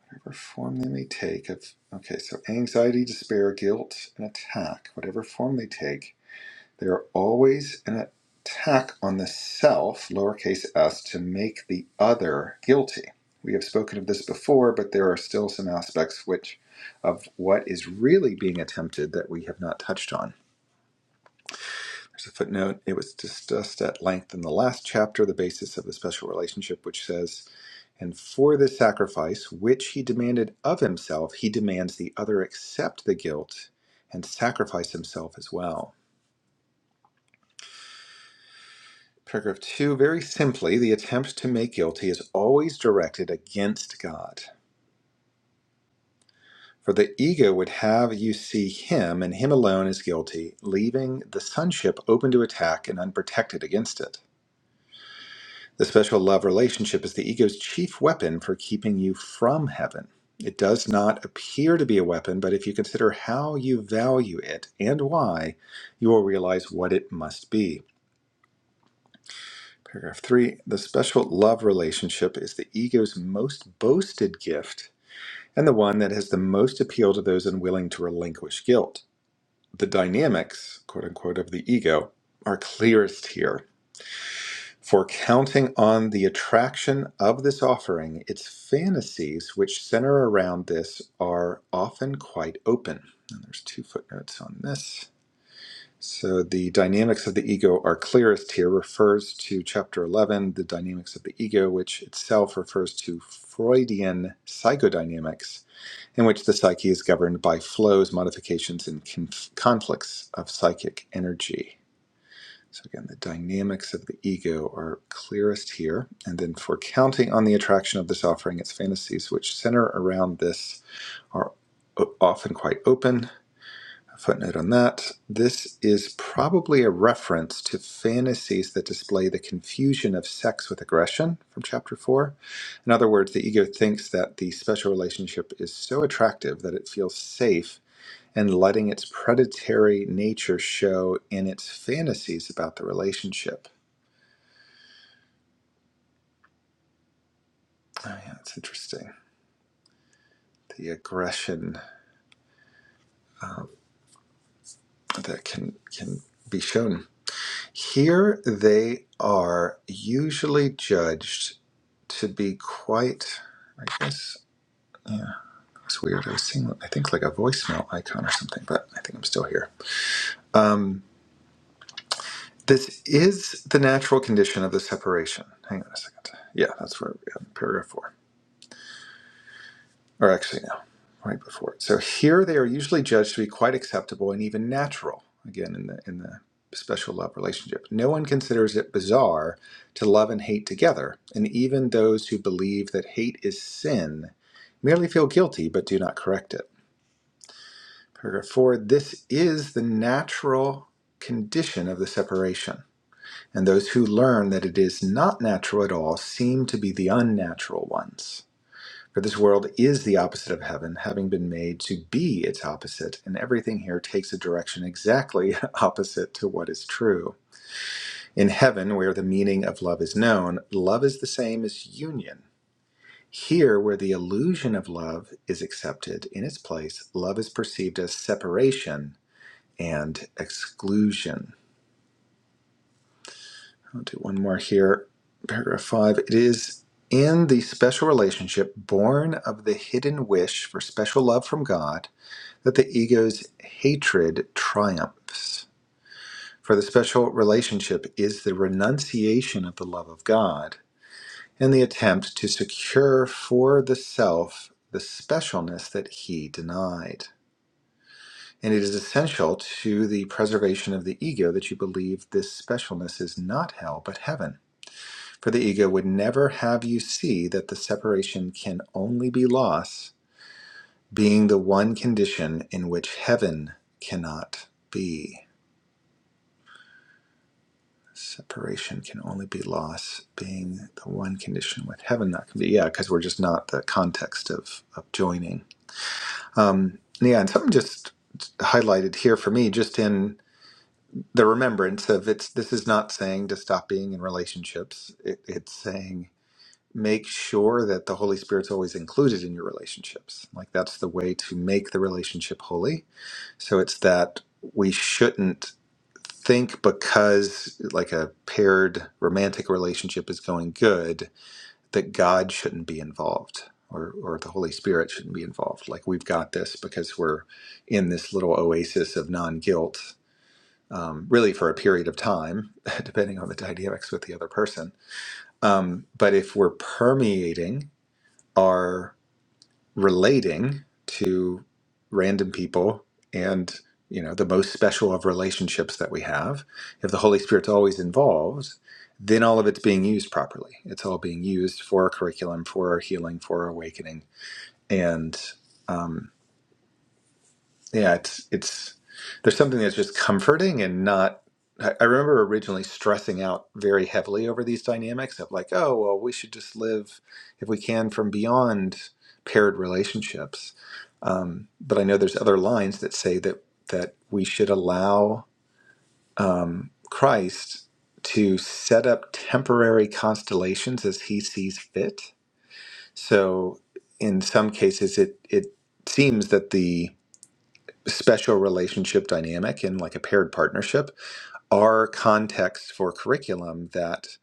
D: Whatever form they may take, of okay, so anxiety, despair, guilt, and attack, whatever form they take They're always an attack on the self, lowercase s, to make the other guilty. We have spoken of this before, but there are still some aspects which of what is really being attempted that we have not touched on. There's a footnote. It was discussed at length in the last chapter, the basis of the special relationship, which says, And for the sacrifice, which he demanded of himself, he demands the other accept the guilt and sacrifice himself as well. Paragraph 2 Very simply, the attempt to make guilty is always directed against God. For the ego would have you see him and him alone as guilty, leaving the sonship open to attack and unprotected against it. The special love relationship is the ego's chief weapon for keeping you from heaven. It does not appear to be a weapon, but if you consider how you value it and why, you will realize what it must be. Paragraph three the special love relationship is the ego's most boasted gift and the one that has the most appeal to those unwilling to relinquish guilt. The dynamics, quote unquote, of the ego are clearest here. For counting on the attraction of this offering, its fantasies which center around this are often quite open. And there's two footnotes on this. So the dynamics of the ego are clearest here, refers to chapter 11, the dynamics of the ego, which itself refers to Freudian psychodynamics, in which the psyche is governed by flows, modifications, and conf- conflicts of psychic energy. So again, the dynamics of the ego are clearest here. And then for counting on the attraction of this offering, its fantasies, which center around this, are often quite open a footnote on that. This is probably a reference to fantasies that display the confusion of sex with aggression from chapter 4. In other words, the ego thinks that the special relationship is so attractive that it feels safe and letting its predatory nature show in its fantasies about the relationship. Oh, yeah, that's interesting. The aggression uh, that can, can be shown. Here they are usually judged to be quite, I guess, yeah, it's weird. I was seeing, I think, like a voicemail icon or something, but I think I'm still here. Um, this is the natural condition of the separation. Hang on a second. Yeah, that's where we have paragraph four. Or actually, no, right before it. So here they are usually judged to be quite acceptable and even natural. Again, in the in the special love relationship, no one considers it bizarre to love and hate together, and even those who believe that hate is sin merely feel guilty but do not correct it. Paragraph four this is the natural condition of the separation. And those who learn that it is not natural at all seem to be the unnatural ones. For this world is the opposite of heaven, having been made to be its opposite, and everything here takes a direction exactly opposite to what is true. In heaven, where the meaning of love is known, love is the same as union. Here, where the illusion of love is accepted in its place, love is perceived as separation and exclusion. I'll do one more here. Paragraph five. It is in the special relationship born of the hidden wish for special love from God that the ego's hatred triumphs. For the special relationship is the renunciation of the love of God and the attempt to secure for the self the specialness that he denied. And it is essential to the preservation of the ego that you believe this specialness is not hell but heaven. For the ego would never have you see that the separation can only be loss, being the one condition in which heaven cannot be. Separation can only be loss, being the one condition with heaven that can be. Yeah, because we're just not the context of, of joining. Um, yeah, and something just highlighted here for me, just in the remembrance of it's this is not saying to stop being in relationships it, it's saying make sure that the holy spirit's always included in your relationships like that's the way to make the relationship holy so it's that we shouldn't think because like a paired romantic relationship is going good that god shouldn't be involved or, or the holy spirit shouldn't be involved like we've got this because we're in this little oasis of non-guilt um, really for a period of time, depending on the dynamics with the other person. Um, but if we're permeating our relating to random people and you know the most special of relationships that we have, if the Holy Spirit's always involved, then all of it's being used properly. It's all being used for our curriculum, for our healing, for our awakening, and um, yeah it's it's there's something that's just comforting and not i I remember originally stressing out very heavily over these dynamics of like oh well we should just live if we can from beyond paired relationships um, but i know there's other lines that say that that we should allow um, christ to set up temporary constellations as he sees fit so in some cases it it seems that the special relationship dynamic in like a paired partnership are contexts for curriculum that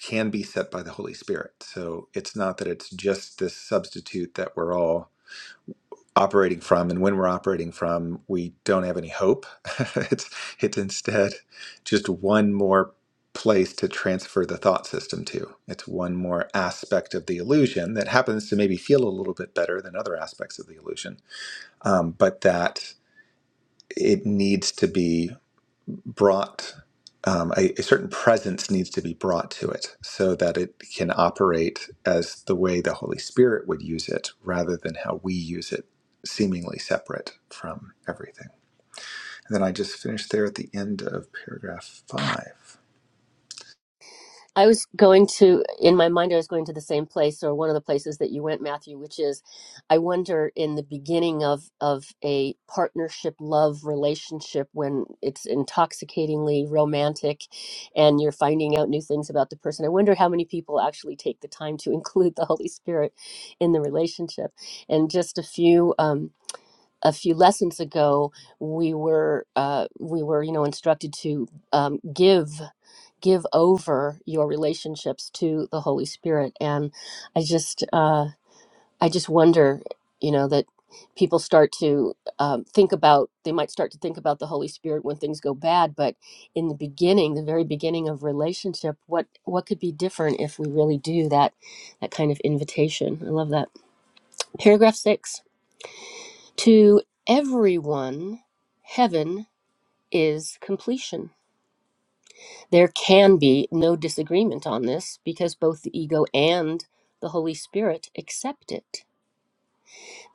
D: can be set by the Holy Spirit. So it's not that it's just this substitute that we're all operating from and when we're operating from we don't have any hope. it's it's instead just one more place to transfer the thought system to. It's one more aspect of the illusion that happens to maybe feel a little bit better than other aspects of the illusion. Um, but that it needs to be brought um, a, a certain presence needs to be brought to it so that it can operate as the way the Holy Spirit would use it rather than how we use it, seemingly separate from everything. And then I just finished there at the end of paragraph five.
A: I was going to, in my mind, I was going to the same place or one of the places that you went, Matthew, which is, I wonder in the beginning of of a partnership love relationship when it's intoxicatingly romantic, and you're finding out new things about the person. I wonder how many people actually take the time to include the Holy Spirit in the relationship. And just a few. Um, a few lessons ago, we were uh, we were you know instructed to um, give give over your relationships to the Holy Spirit. And I just, uh, I just wonder, you know, that people start to um, think about, they might start to think about the Holy Spirit when things go bad, but in the beginning, the very beginning of relationship, what, what could be different if we really do that, that kind of invitation? I love that. Paragraph six, to everyone, heaven is completion There can be no disagreement on this because both the ego and the Holy Spirit accept it.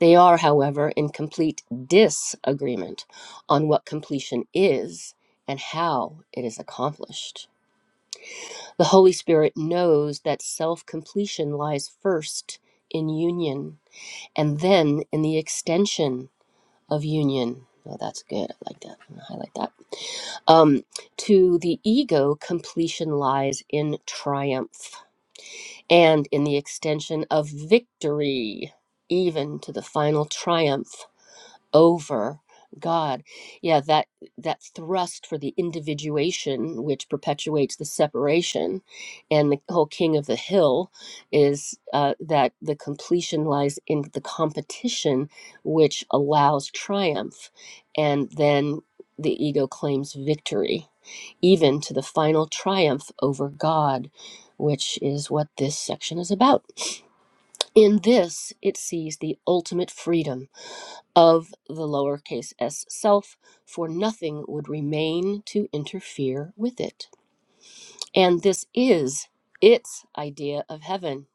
A: They are, however, in complete disagreement on what completion is and how it is accomplished. The Holy Spirit knows that self completion lies first in union and then in the extension of union. Oh, that's good. I like that. I'm gonna highlight that. Um, to the ego, completion lies in triumph. and in the extension of victory, even to the final triumph over God. Yeah, that that thrust for the individuation, which perpetuates the separation, and the whole king of the hill, is uh, that the completion lies in the competition, which allows triumph, and then the ego claims victory even to the final triumph over God, which is what this section is about. In this, it sees the ultimate freedom of the lowercase s self, for nothing would remain to interfere with it. And this is its idea of heaven.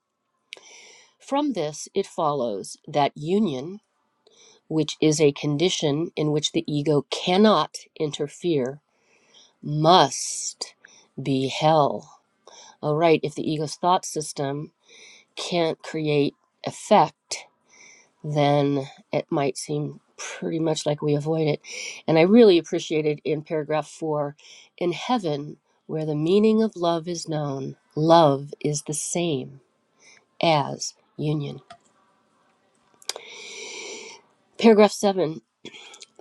A: From this, it follows that union, which is a condition in which the ego cannot interfere, must be hell all right, if the ego's thought system can't create effect, then it might seem pretty much like we avoid it. And I really appreciated in paragraph four in heaven, where the meaning of love is known, love is the same as union. Paragraph seven.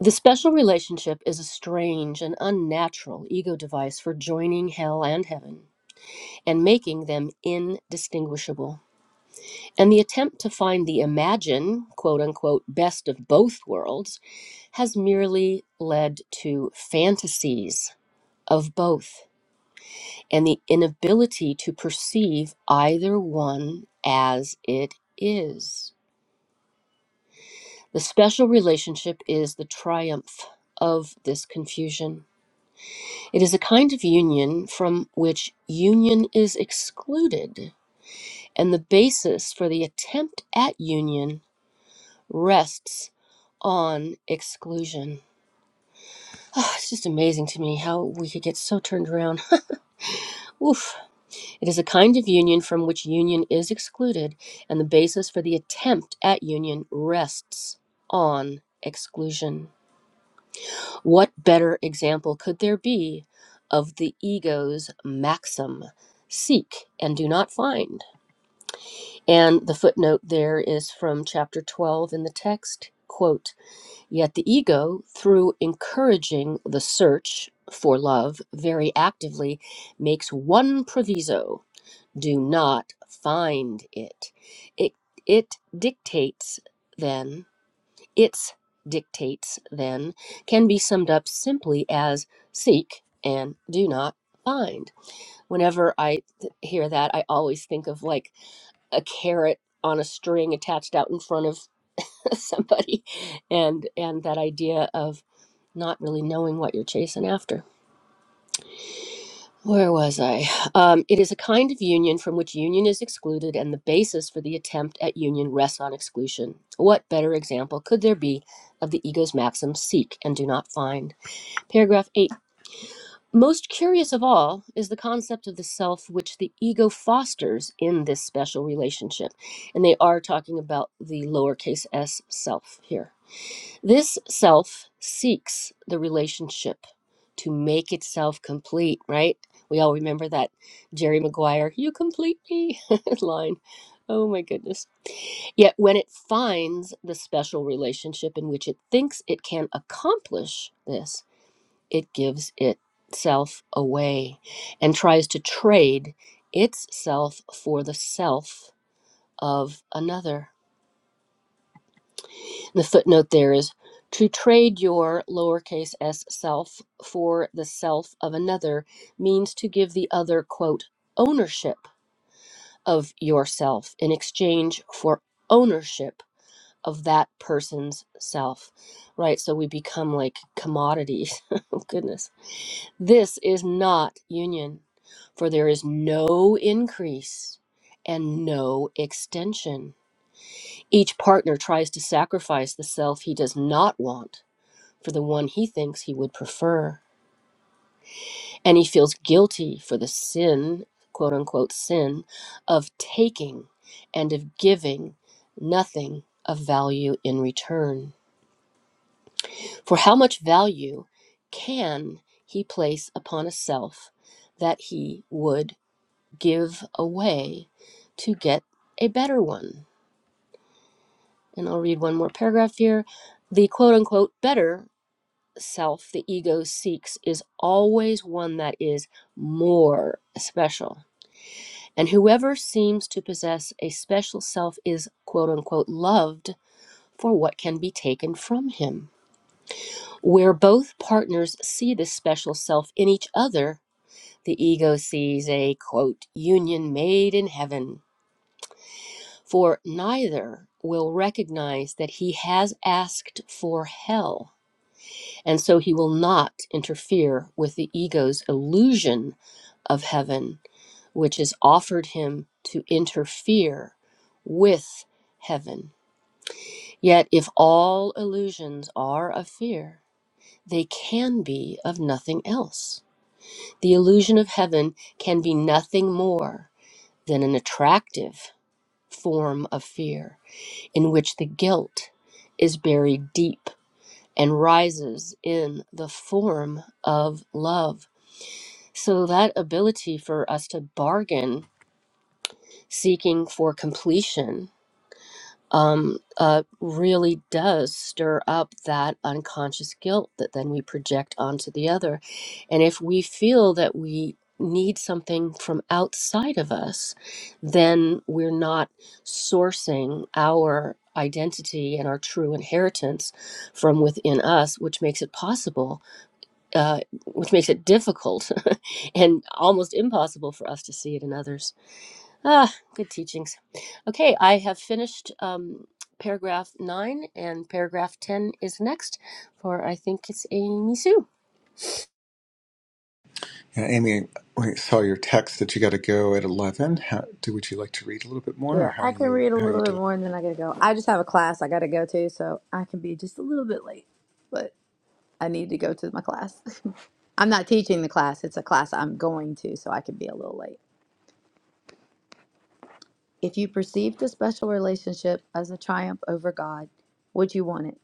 A: The special relationship is a strange and unnatural ego device for joining hell and heaven and making them indistinguishable. And the attempt to find the imagine, quote unquote, best of both worlds has merely led to fantasies of both and the inability to perceive either one as it is. The special relationship is the triumph of this confusion. It is a kind of union from which union is excluded, and the basis for the attempt at union rests on exclusion. Oh, it's just amazing to me how we could get so turned around. Oof. It is a kind of union from which union is excluded, and the basis for the attempt at union rests on exclusion. What better example could there be of the ego's maxim? Seek and do not find. And the footnote there is from chapter 12 in the text. Quote, Yet the ego, through encouraging the search for love very actively, makes one proviso do not find it. It, it dictates then, its dictates then, can be summed up simply as seek and do not find. Whenever I th- hear that, I always think of like a carrot on a string attached out in front of somebody and and that idea of not really knowing what you're chasing after. Where was I? Um, it is a kind of union from which union is excluded, and the basis for the attempt at union rests on exclusion. What better example could there be of the ego's maxim seek and do not find? Paragraph 8. Most curious of all is the concept of the self which the ego fosters in this special relationship. And they are talking about the lowercase s self here. This self seeks the relationship to make itself complete, right? We all remember that Jerry Maguire, you complete me line. Oh my goodness. Yet when it finds the special relationship in which it thinks it can accomplish this, it gives itself away and tries to trade its self for the self of another The footnote there is to trade your lowercase s self for the self of another means to give the other, quote, ownership of yourself in exchange for ownership of that person's self. Right? So we become like commodities. oh, goodness. This is not union, for there is no increase and no extension. Each partner tries to sacrifice the self he does not want for the one he thinks he would prefer. And he feels guilty for the sin, quote unquote, sin of taking and of giving nothing of value in return. For how much value can he place upon a self that he would give away to get a better one? And I'll read one more paragraph here. The quote unquote better self the ego seeks is always one that is more special. And whoever seems to possess a special self is quote unquote loved for what can be taken from him. Where both partners see this special self in each other, the ego sees a quote union made in heaven, for neither will recognize that he has asked for hell And so he will not interfere with the ego's illusion of heaven, which is offered him to interfere with heaven. Yet, if all illusions are of fear, they can be of nothing else. The illusion of heaven can be nothing more than an attractive form of fear in which the guilt is buried deep and rises in the form of love So that ability for us to bargain, seeking for completion, um, uh, really does stir up that unconscious guilt that then we project onto the other. And if we feel that we need something from outside of us, then we're not sourcing our identity and our true inheritance from within us, which makes it possible uh, which makes it difficult and almost impossible for us to see it in others. Ah, good teachings. Okay, I have finished um, paragraph nine, and paragraph 10 is next for I think it's Amy Sue.
D: Yeah, Amy, we saw your text that you got to go at eleven. How do would you like to read a little bit more,
C: Yeah,
D: or how
C: I can
D: you
C: read a
D: how you
C: little bit
D: do it?
C: more and then I gotta go. I just have a class I gotta go to, so I can be just a little bit late. But. I need to go to my class. I'm not teaching the class, it's a class I'm going to, so I can be a little late. If you perceive the special relationship as a triumph over God, would you want it?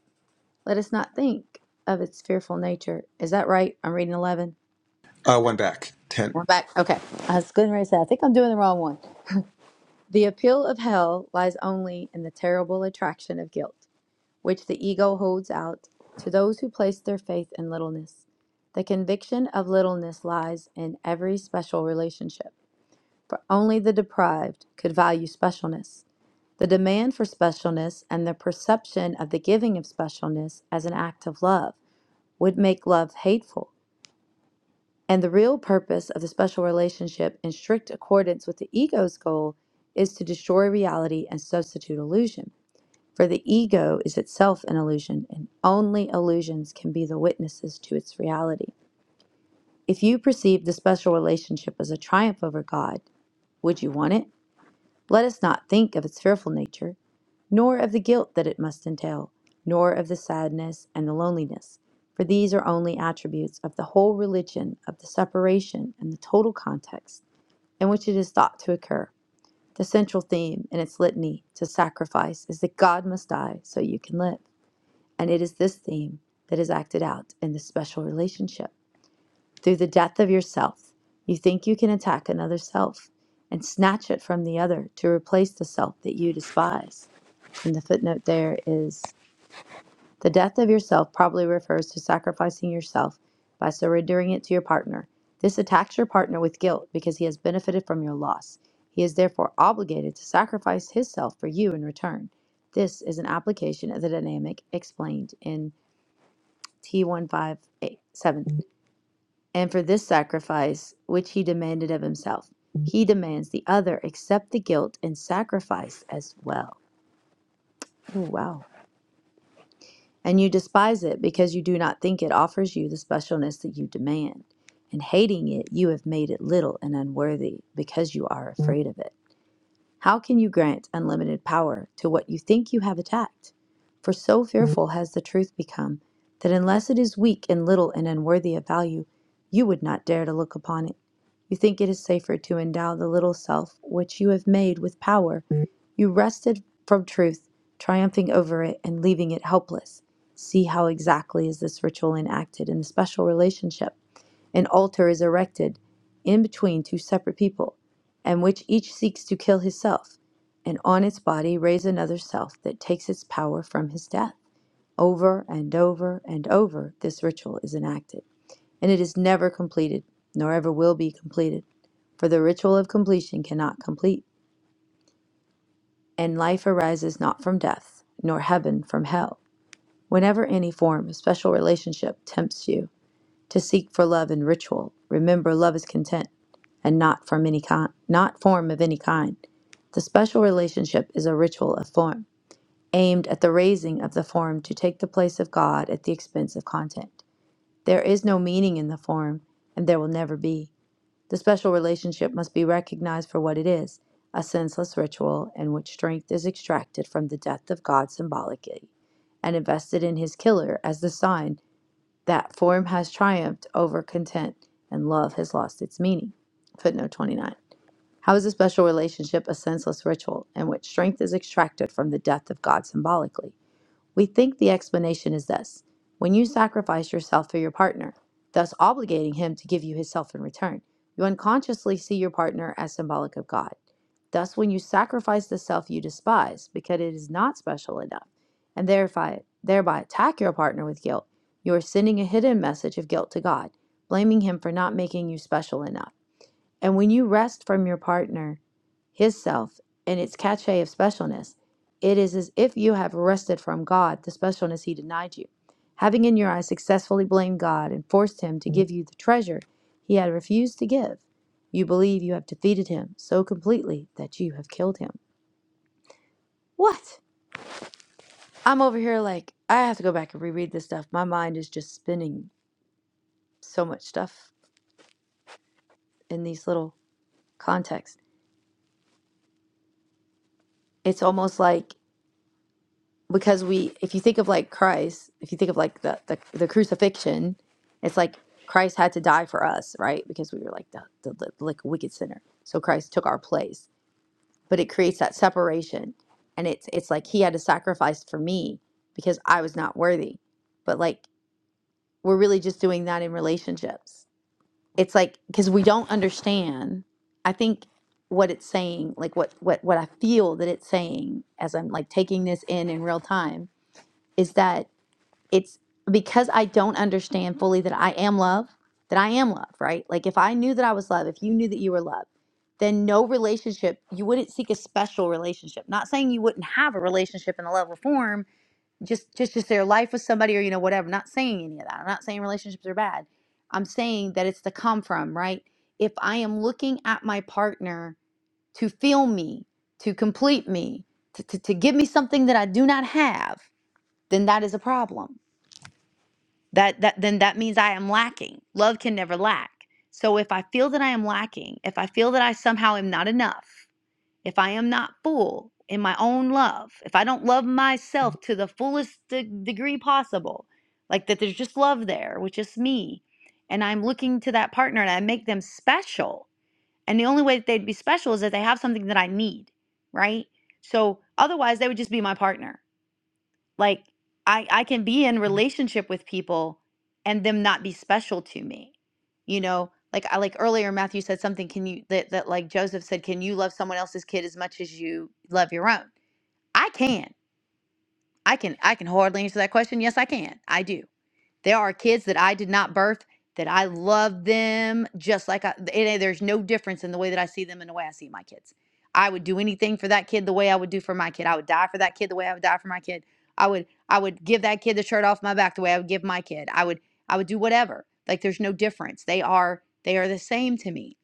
C: Let us not think of its fearful nature. Is that right? I'm reading 11.
D: Uh, one back ten.
C: We're back. Okay. I was going to say, I think I'm doing the wrong one. The appeal of hell lies only in the terrible attraction of guilt. which the ego holds out to those who place their faith in littleness. The conviction of littleness lies in every special relationship, for only the deprived could value specialness. The demand for specialness and the perception of the giving of specialness as an act of love would make love hateful. And the real purpose of the special relationship, in strict accordance with the ego's goal, is to destroy reality and substitute illusion. For the ego is itself an illusion, and only illusions can be the witnesses to its reality. If you perceive the special relationship as a triumph over God, would you want it? Let us not think of its fearful nature, nor of the guilt that it must entail, nor of the sadness and the loneliness, for these are only attributes of the whole religion of the separation and the total context in which it is thought to occur. The central theme in its litany to sacrifice is that God must die so you can live. And it is this theme that is acted out in this special relationship. Through the death of yourself, you think you can attack another self and snatch it from the other to replace the self that you despise. And the footnote there is the death of yourself probably refers to sacrificing yourself by surrendering it to your partner. This attacks your partner with guilt because he has benefited from your loss. He is therefore obligated to sacrifice his self for you in return. This is an application of the dynamic explained in T one five eight seven. And for this sacrifice which he demanded of himself, he demands the other accept the guilt and sacrifice as well. Oh wow. And you despise it because you do not think it offers you the specialness that you demand. And hating it, you have made it little and unworthy because you are afraid of it. How can you grant unlimited power to what you think you have attacked? For so fearful has the truth become that unless it is weak and little and unworthy of value, you would not dare to look upon it. You think it is safer to endow the little self which you have made with power. You wrested from truth, triumphing over it and leaving it helpless. See how exactly is this ritual enacted in the special relationship. An altar is erected in between two separate people, and which each seeks to kill his self, and on its body raise another self that takes its power from his death. Over and over and over, this ritual is enacted, and it is never completed, nor ever will be completed, for the ritual of completion cannot complete, and life arises not from death, nor heaven from hell. Whenever any form of special relationship tempts you, to seek for love in ritual. Remember, love is content and not from any kind, not form of any kind. The special relationship is a ritual of form, aimed at the raising of the form to take the place of God at the expense of content. There is no meaning in the form, and there will never be. The special relationship must be recognized for what it is a senseless ritual in which strength is extracted from the death of God symbolically and invested in his killer as the sign that form has triumphed over content and love has lost its meaning. Footnote 29. How is a special relationship a senseless ritual in which strength is extracted from the death of God symbolically? We think the explanation is this when you sacrifice yourself for your partner, thus obligating him to give you himself in return, you unconsciously see your partner as symbolic of God. Thus, when you sacrifice the self you despise because it is not special enough, and thereby, thereby attack your partner with guilt, you are sending a hidden message of guilt to God, blaming him for not making you special enough. And when you rest from your partner, his self, and its cachet of specialness, it is as if you have wrested from God the specialness he denied you, having in your eyes successfully blamed God and forced him to give you the treasure he had refused to give. You believe you have defeated him so completely that you have killed him. What? I'm over here like, I have to go back and reread this stuff. My mind is just spinning so much stuff in these little contexts. It's almost like because we if you think of like christ if you think of like the the, the crucifixion it's like christ had to die for us right because we were like the, the, the like wicked sinner so christ took our place but it creates that separation and it's it's like he had to sacrifice for me because i was not worthy but like we're really just doing that in relationships it's like because we don't understand i think what it's saying like what what what i feel that it's saying as i'm like taking this in in real time is that it's because I don't understand fully that I am love, that I am love, right? Like if I knew that I was love, if you knew that you were love, then no relationship, you wouldn't seek a special relationship. Not saying you wouldn't have a relationship in the love of form, just just just their life with somebody or you know whatever. not saying any of that. I'm not saying relationships are bad. I'm saying that it's the come from, right? If I am looking at my partner to feel me, to complete me, to, to, to give me something that I do not have, then that is a problem that that then that means i am lacking love can never lack so if i feel that i am lacking if i feel that i somehow am not enough if i am not full in my own love if i don't love myself to the fullest de- degree possible like that there's just love there which is me and i'm looking to that partner and i make them special and the only way that they'd be special is that they have something that i need right so otherwise they would just be my partner like i i can be in relationship with people and them not be special to me you know like i like earlier matthew said something can you that, that like joseph said can you love someone else's kid as much as you love your own i can i can i can hardly answer that question yes i can i do there are kids that I did not birth that I love them just like I, and there's no difference in the way that I see them and the way I see my kids. I would do anything for that kid the way I would do for my kid. I would die for that kid the way I would die for my kid. I would I would give that kid the shirt off my back the way I would give my kid. I would I would do whatever. Like there's no difference. They are they are the same to me.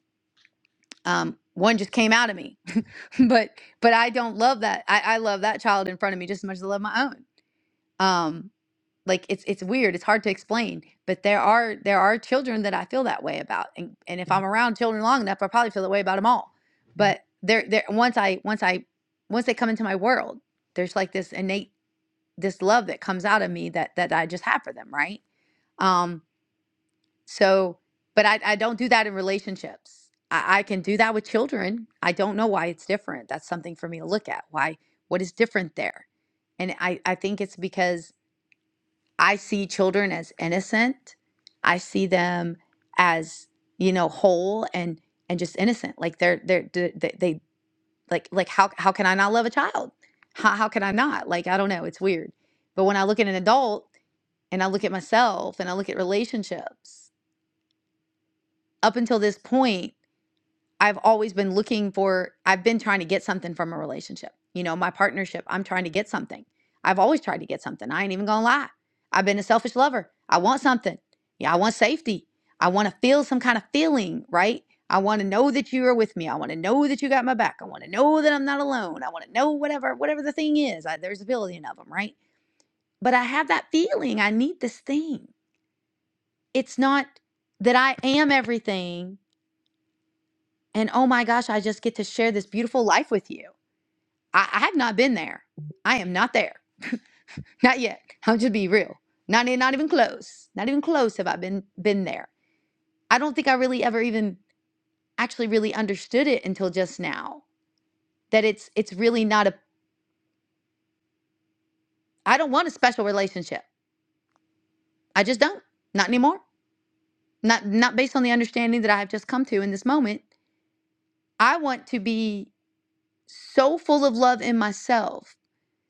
C: Um, one just came out of me, but but I don't love that. I, I love that child in front of me just as much as I love my own. Um, like it's it's weird it's hard to explain but there are there are children that i feel that way about and and if i'm around children long enough i probably feel that way about them all but there there once i once i once they come into my world there's like this innate this love that comes out of me that that i just have for them right um so but i i don't do that in relationships i i can do that with children i don't know why it's different that's something for me to look at why what is different there and i i think it's because I see children as innocent. I see them as you know whole and and just innocent. Like they're they're d- they, they like like how how can I not love a child? How how can I not? Like I don't know. It's weird. But when I look at an adult and I look at myself and I look at relationships, up until this point. I've always been looking for, I've been trying to get something from a relationship. You know, my partnership, I'm trying to get something. I've always tried to get something. I ain't even gonna lie. I've been a selfish lover. I want something. Yeah, I want safety. I wanna feel some kind of feeling, right? I wanna know that you are with me. I wanna know that you got my back. I wanna know that I'm not alone. I wanna know whatever, whatever the thing is. I, there's a billion of them, right? But I have that feeling. I need this thing. It's not that I am everything and oh my gosh, I just get to share this beautiful life with you. I, I have not been there. I am not there. Not yet. I'll just be real. Not, e- not even close. Not even close have I been been there. I don't think I really ever even actually really understood it until just now. That it's it's really not a I don't want a special relationship. I just don't. Not anymore. Not not based on the understanding that I have just come to in this moment. I want to be so full of love in myself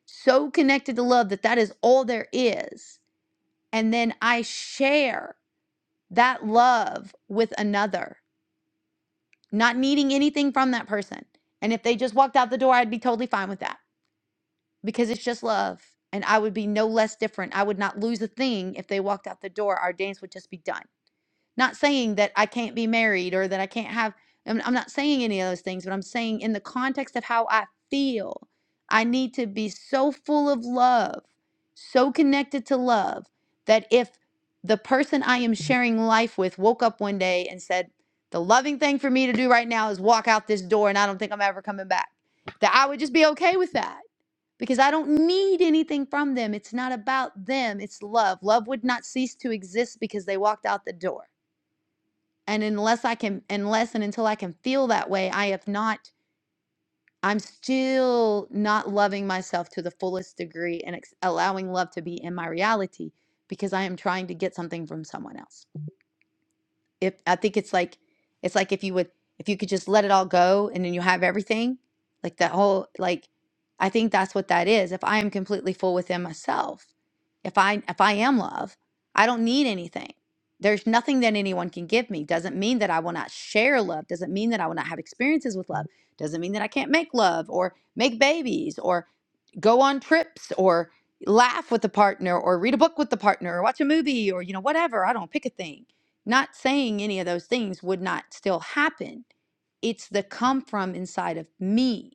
C: so connected to love that that is all there is And then I share that love with another, not needing anything from that person. And if they just walked out the door, I'd be totally fine with that because it's just love. And I would be no less different. I would not lose a thing if they walked out the door. Our dance would just be done. Not saying that I can't be married or that I can't have, I'm, I'm not saying any of those things, but I'm saying in the context of how I feel, I need to be so full of love, so connected to love, that if the person I am sharing life with woke up one day and said, the loving thing for me to do right now is walk out this door and I don't think I'm ever coming back, that I would just be okay with that because I don't need anything from them. It's not about them, it's love. Love would not cease to exist because they walked out the door and unless i can unless and until i can feel that way i have not i'm still not loving myself to the fullest degree and ex- allowing love to be in my reality because i am trying to get something from someone else if I think it's like it's like if you would if you could just let it all go and then you have everything, like that whole like I think that's what that is. If I am completely full within myself, if I if I am love, I don't need anything. There's nothing that anyone can give me. Doesn't mean that I will not share love. Doesn't mean that I will not have experiences with love. Doesn't mean that I can't make love or make babies or go on trips or laugh with the partner or read a book with the partner or watch a movie or you know whatever i don't pick a thing not saying any of those things would not still happen it's the come from inside of me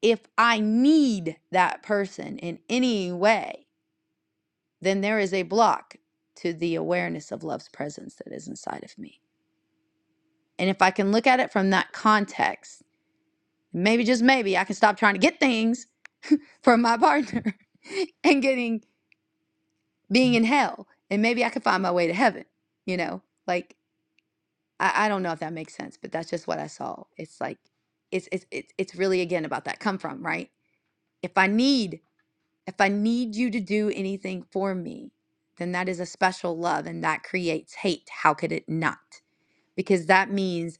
C: if i need that person in any way then there is a block to the awareness of love's presence that is inside of me and if i can look at it from that context maybe just maybe i can stop trying to get things from my partner and getting being in hell and maybe I could find my way to heaven, you know? Like I, I don't know if that makes sense, but that's just what I saw. It's like it's it's it's it's really again about that come from, right? If I need if I need you to do anything for me, then that is a special love and that creates hate. How could it not? Because that means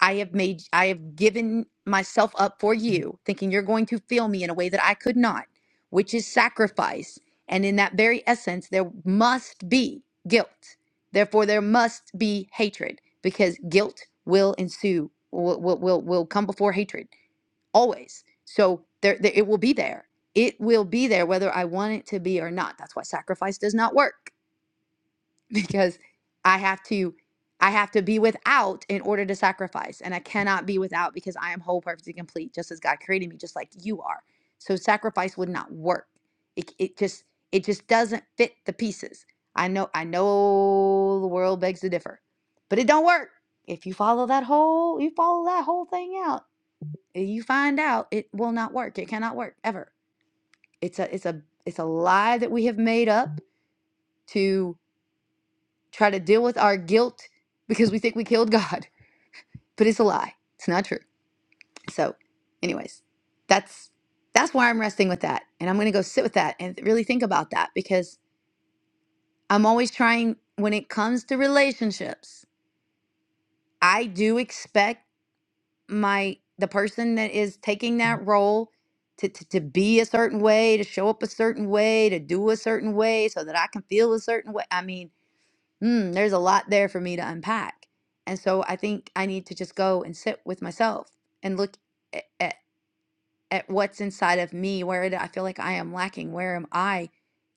C: I have made, I have given myself up for you, thinking you're going to feel me in a way that I could not, which is sacrifice. And in that very essence, there must be guilt. Therefore, there must be hatred because guilt will ensue, will, will, will, will come before hatred always. So there, there, it will be there. It will be there whether I want it to be or not. That's why sacrifice does not work because I have to I have to be without in order to sacrifice and I cannot be without because I am whole perfect and complete just as God created me just like you are. So sacrifice would not work. It it just it just doesn't fit the pieces. I know I know the world begs to differ. But it don't work. If you follow that whole you follow that whole thing out, you find out it will not work. It cannot work ever. It's a it's a it's a lie that we have made up to try to deal with our guilt because we think we killed God, but it's a lie. It's not true. So, anyways, that's that's where I'm resting with that, and I'm going to go sit with that and really think about that because I'm always trying when it comes to relationships. I do expect my the person that is taking that role to, to, to be a certain way, to show up a certain way, to do a certain way so that I can feel a certain way. I mean, mm, there's a lot there for me to unpack. And so I think I need to just go and sit with myself and look at, at, at what's inside of me. Where do I feel like I am lacking? Where am I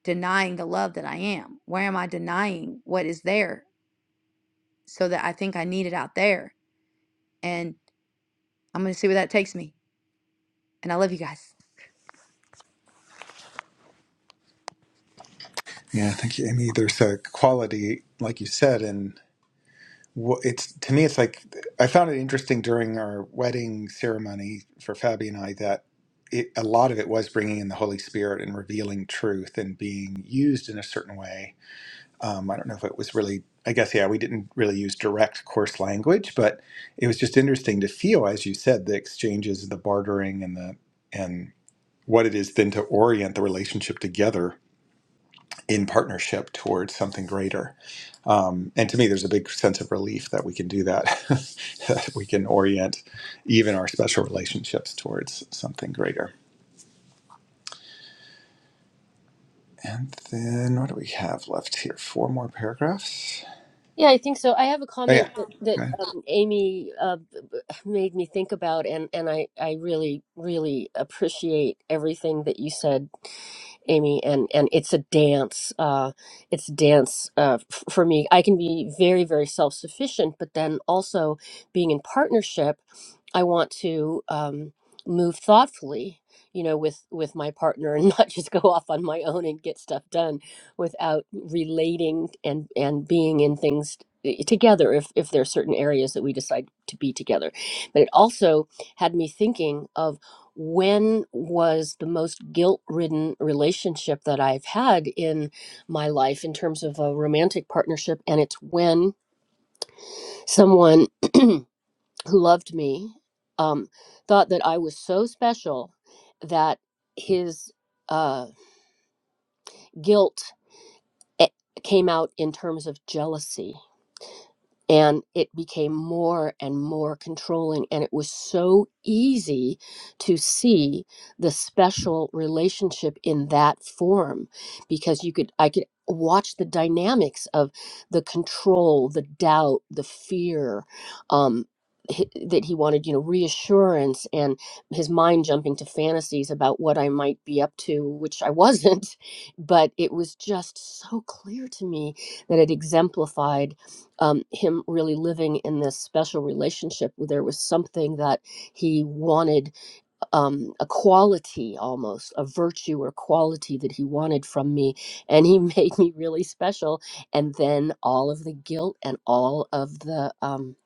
C: denying the love that I am? Where am I denying what is there so that I think I need it out there? And I'm going to see where that takes me. And I love you guys.
D: Yeah, thank you, Amy. There's a quality, like you said, in wh- it's to me it's like i found it interesting during our wedding ceremony for fabi and i that it, a lot of it was bringing in the holy spirit and revealing truth and being used in a certain way um, i don't know if it was really i guess yeah we didn't really use direct coarse language but it was just interesting to feel as you said the exchanges the bartering and the and what it is then to orient the relationship together in partnership towards something greater. Um, and to me, there's a big sense of relief that we can do that, that we can orient even our special relationships towards something greater. And then what do we have left here? Four more paragraphs.
A: Yeah, I think so. I have a
D: Oh
A: comment that, that
D: yeah,
A: um, Amy uh, b- b- made me think about, and, and I, I really, really appreciate everything that you said Amy, and and it's a dance. Uh, it's a dance uh, f- for me. I can be very very self sufficient, but then also being in partnership, I want to um, move thoughtfully. You know, with with my partner, and not just go off on my own and get stuff done without relating and and being in things t- eh, together if if there are certain areas that we decide to be together but it also had me thinking of when was the most guilt ridden relationship that I've had in my life in terms of a romantic partnership? And it's when someone who loved me um, thought that I was so special that his uh, guilt eh, came out in terms of jealousy and it became more and more controlling and it was so easy to see the special relationship in that form because you could i could watch the dynamics of the control the doubt the fear um hi- that he wanted you know reassurance and his mind jumping to fantasies about what i might be up to which i wasn't but it was just so clear to me that it exemplified um, him really living in this special relationship where there was something that he wanted um, a quality almost a virtue or quality that he wanted from me and he made me really special and then all of the guilt and all of the um,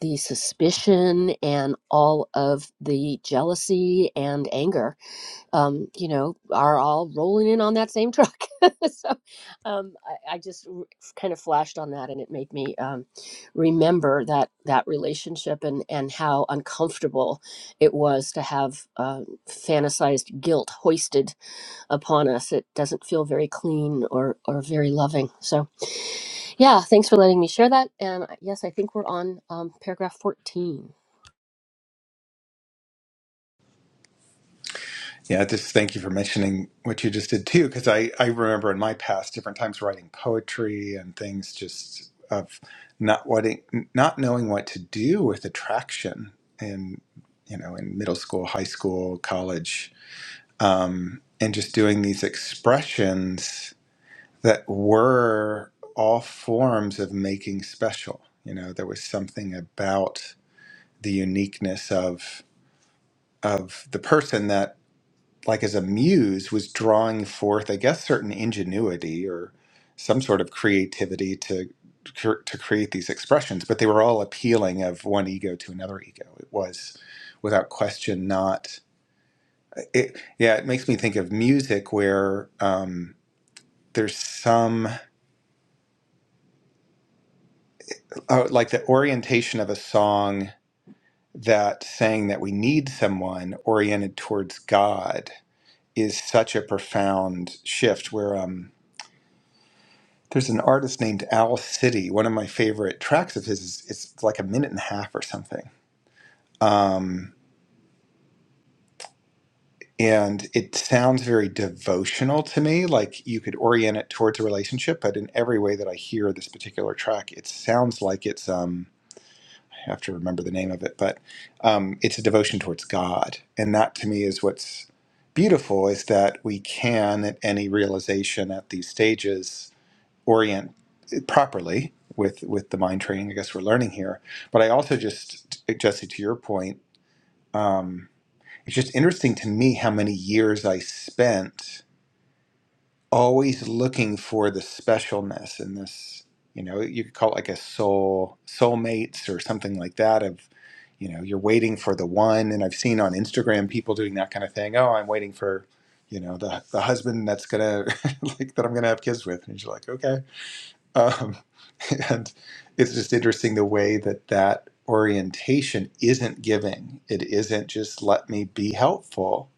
A: the suspicion and all of the jealousy and anger um, you know, are all rolling in on that same truck. so um, I, I just r- kind of flashed on that, and it made me um, remember that that relationship and and how uncomfortable it was to have uh, fantasized guilt hoisted upon us. It doesn't feel very clean or or very loving. So yeah, thanks for letting me share that. And I- yes, I think we're on um, paragraph fourteen.
D: Yeah, just thank you for mentioning what you just did too, because I, I remember in my past different times writing poetry and things just of not what not knowing what to do with attraction in you know in middle school, high school, college, um, and just doing these expressions that were all forms of making special. You know, there was something about the uniqueness of of the person that like as a muse was drawing forth i guess certain ingenuity or some sort of creativity to cr- to create these expressions but they were all appealing of one ego to another ego it was without question not it yeah it makes me think of music where um there's some oh, like the orientation of a song that saying that we need someone oriented towards god is such a profound shift where um There's an artist named Owl City. One of my favorite tracks of his is it's like a minute and a half or something. Um, and it sounds very devotional to me, like you could orient it towards a relationship, but in every way that I hear this particular track, it sounds like it's um I have to remember the name of it, but um, it's a devotion towards God. And that to me is what's beautiful is that we can at any realization at these stages orient. properly with with the mind training i guess we're learning here but i also just jesse to your point um it's just interesting to me how many years i spent always looking for the specialness in this you know you could call it like a soul soulmates or something like that of you know you're waiting for the one and i've seen on instagram people doing that kind of thing oh i'm waiting for you know the, the husband that's gonna like that i'm gonna have kids with and you're like okay um, and it's just interesting the way that that orientation isn't giving. It isn't just let me be helpful.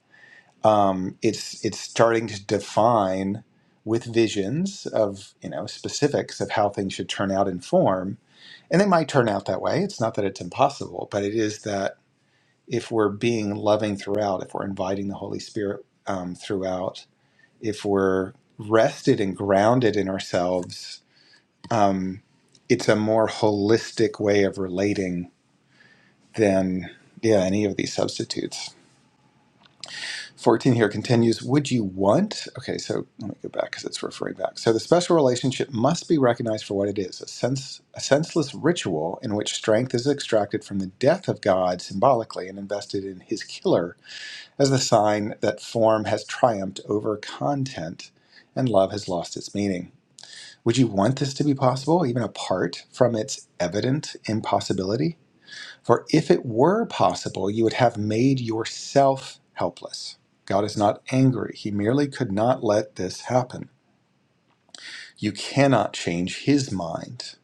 D: Um, it's it's starting to define with visions of you know specifics of how things should turn out in form, and they might turn out that way. It's not that it's impossible, but it is that if we're being loving throughout, if we're inviting the Holy Spirit um, throughout, if we're rested and grounded in ourselves um, it's a more holistic way of relating than yeah any of these substitutes 14 here continues would you want okay so let me go back because it's referring back so the special relationship must be recognized for what it is a sense a senseless ritual in which strength is extracted from the death of god symbolically and invested in his killer as the sign that form has triumphed over content and love has lost its meaning Would you want this to be possible, even apart from its evident impossibility? For if it were possible, you would have made yourself helpless. God is not angry, He merely could not let this happen. You cannot change His mind.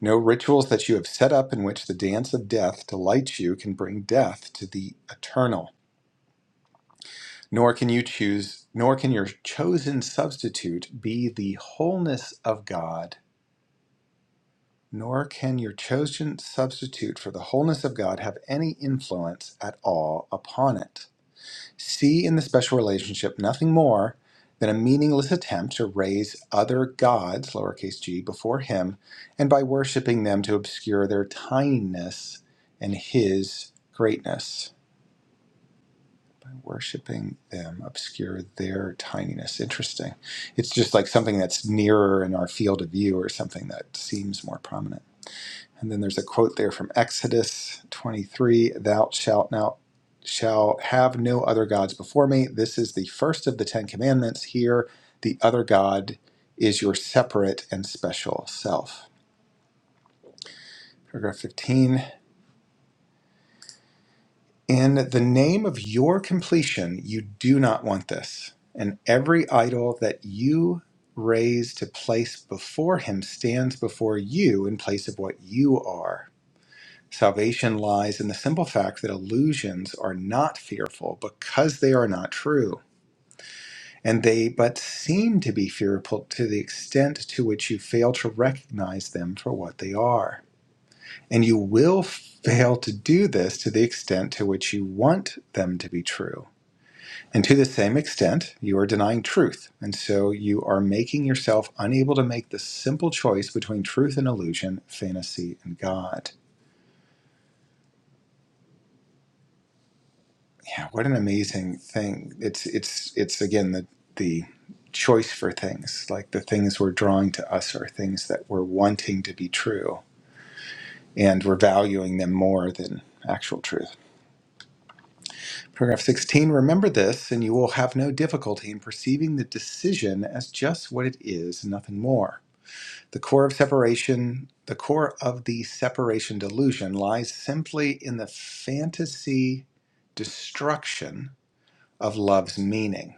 D: No rituals that you have set up in which the dance of death delights you can bring death to the eternal. Nor can you choose, nor can your chosen substitute be the wholeness of God Nor can your chosen substitute for the wholeness of God have any influence at all upon it. See in the special relationship nothing more than a meaningless attempt to raise other gods, lowercase g, before Him, and by worshiping them to obscure their tininess and His greatness. By worshiping them, obscure their tininess. Interesting. It's just like something that's nearer in our field of view or something that seems more prominent. And then there's a quote there from Exodus 23 Thou shalt now shall have no other gods before me. This is the first of the Ten Commandments. Here, the other God is your separate and special self. Paragraph 15 In the name of your completion, you do not want this. And every idol that you raise to place before him stands before you in place of what you are. Salvation lies in the simple fact that illusions are not fearful because they are not true, and they but seem to be fearful to the extent to which you fail to recognize them for what they are. And you will fail to do this to the extent to which you want them to be true. And to the same extent, you are denying truth. And so you are making yourself unable to make the simple choice between truth and illusion, fantasy and God. yeah, what an amazing thing. It's it's it's again the the choice for things. Like the things we're drawing to us are things that we're wanting to be true and we're valuing them more than actual truth. Paragraph 16, remember this and you will have no difficulty in perceiving the decision as just what it is, nothing more. The core of separation, the core of the separation delusion lies simply in the fantasy destruction of love's meaning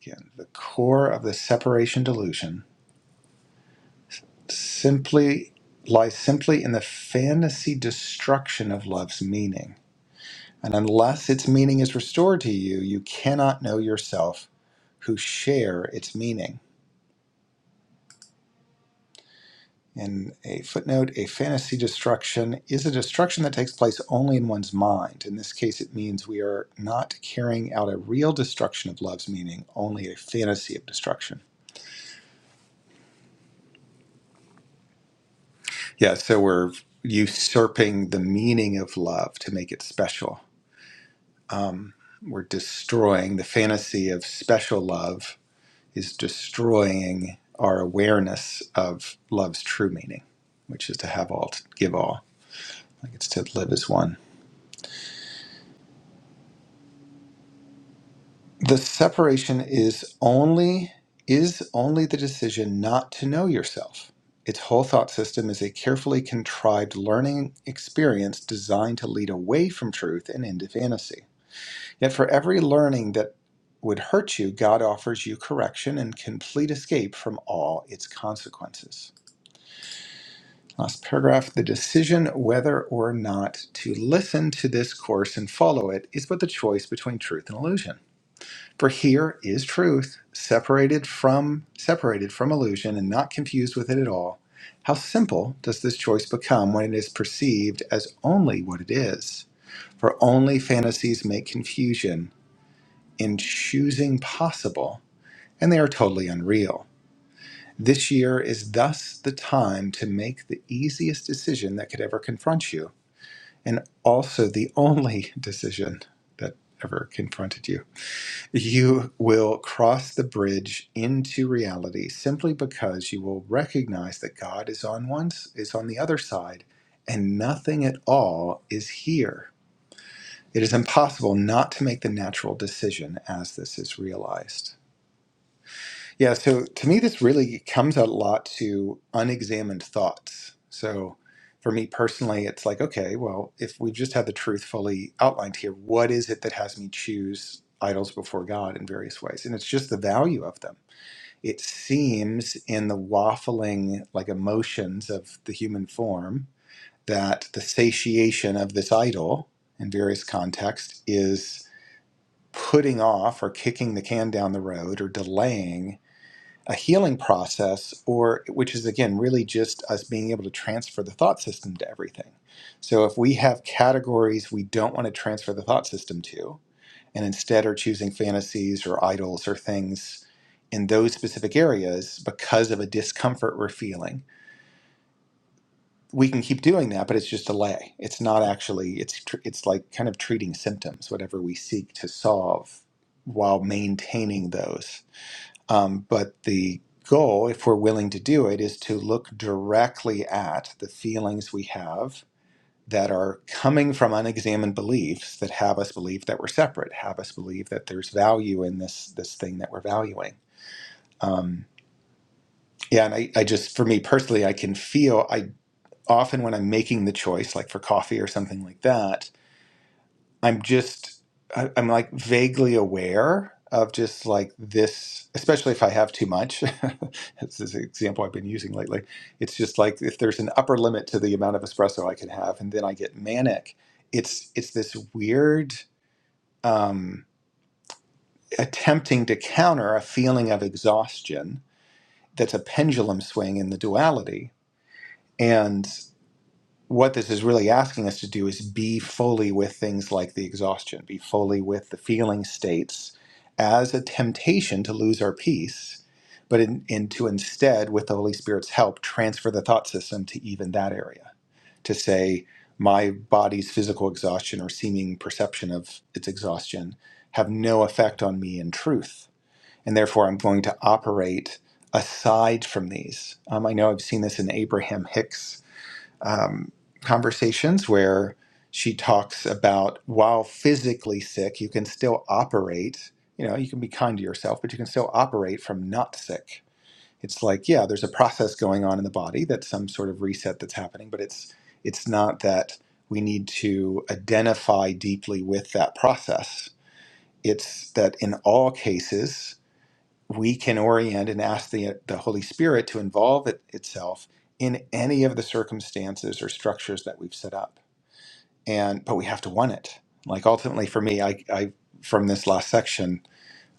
D: Again, the core of the separation delusion simply lies simply in the fantasy destruction of love's meaning. And unless its meaning is restored to you, you cannot know yourself who share its meaning. In a footnote, a fantasy destruction is a destruction that takes place only in one's mind. In this case, it means we are not carrying out a real destruction of love's meaning, only a fantasy of destruction. Yeah, so we're usurping the meaning of love to make it special. Um, we're destroying the fantasy of special love is destroying our awareness of love's true meaning, which is to have all, to give all. Like it's to live as one. The separation is only is only the decision not to know yourself. Its whole thought system is a carefully contrived learning experience designed to lead away from truth and into fantasy. Yet for every learning that would hurt you, God offers you correction and complete escape from all its consequences. Last paragraph the decision whether or not to listen to this course and follow it is but the choice between truth and illusion. For here is truth, separated from separated from illusion and not confused with it at all. How simple does this choice become when it is perceived as only what it is? For only fantasies make confusion in choosing possible, and they are totally unreal. This year is thus the time to make the easiest decision that could ever confront you, and also the only decision that ever confronted you. You will cross the bridge into reality simply because you will recognize that God is on one is on the other side, and nothing at all is here. It is impossible not to make the natural decision as this is realized. Yeah, so to me, this really comes out a lot to unexamined thoughts. So for me personally, it's like, okay, well, if we just had the truth fully outlined here, what is it that has me choose idols before God in various ways? And it's just the value of them. It seems in the waffling, like emotions of the human form, that the satiation of this idol in various contexts is putting off or kicking the can down the road or delaying a healing process or which is again really just us being able to transfer the thought system to everything so if we have categories we don't want to transfer the thought system to and instead are choosing fantasies or idols or things in those specific areas because of a discomfort we're feeling we can keep doing that but it's just delay. it's not actually it's tr- it's like kind of treating symptoms whatever we seek to solve while maintaining those um, but the goal, if we're willing to do it, is to look directly at the feelings we have that are coming from unexamined beliefs that have us believe that we're separate, have us believe that there's value in this this thing that we're valuing. Um, yeah, and I, I just, for me personally, I can feel I often when I'm making the choice, like for coffee or something like that I'm just I, I'm like vaguely aware of just like this, especially if I have too much. That's this an example I've been using lately. It's just like if there's an upper limit to the amount of espresso I can have, and then I get manic. It's it's this weird um, attempting to counter a feeling of exhaustion. That's a pendulum swing in the duality, and. what this is really asking us to do is be fully with things like the exhaustion, be fully with the feeling states as a temptation to lose our peace, but in, in to instead, with the Holy Spirit's help, transfer the thought system to even that area to say, my body's physical exhaustion or seeming perception of its exhaustion have no effect on me in truth. And therefore, I'm going to operate aside from these. Um, I know I've seen this in Abraham Hicks um, conversations where she talks about while physically sick, you can still operate. You know, you can be kind to yourself, but you can still operate from not sick. It's like, yeah, there's a process going on in the body that's some sort of reset that's happening, but it's it's not that we need to identify deeply with that process. It's that in all cases, we can orient and ask the, the Holy Spirit to involve it, itself in any of the circumstances or structures that we've set up. And but we have to want it. Like ultimately, for me, I, I from this last section,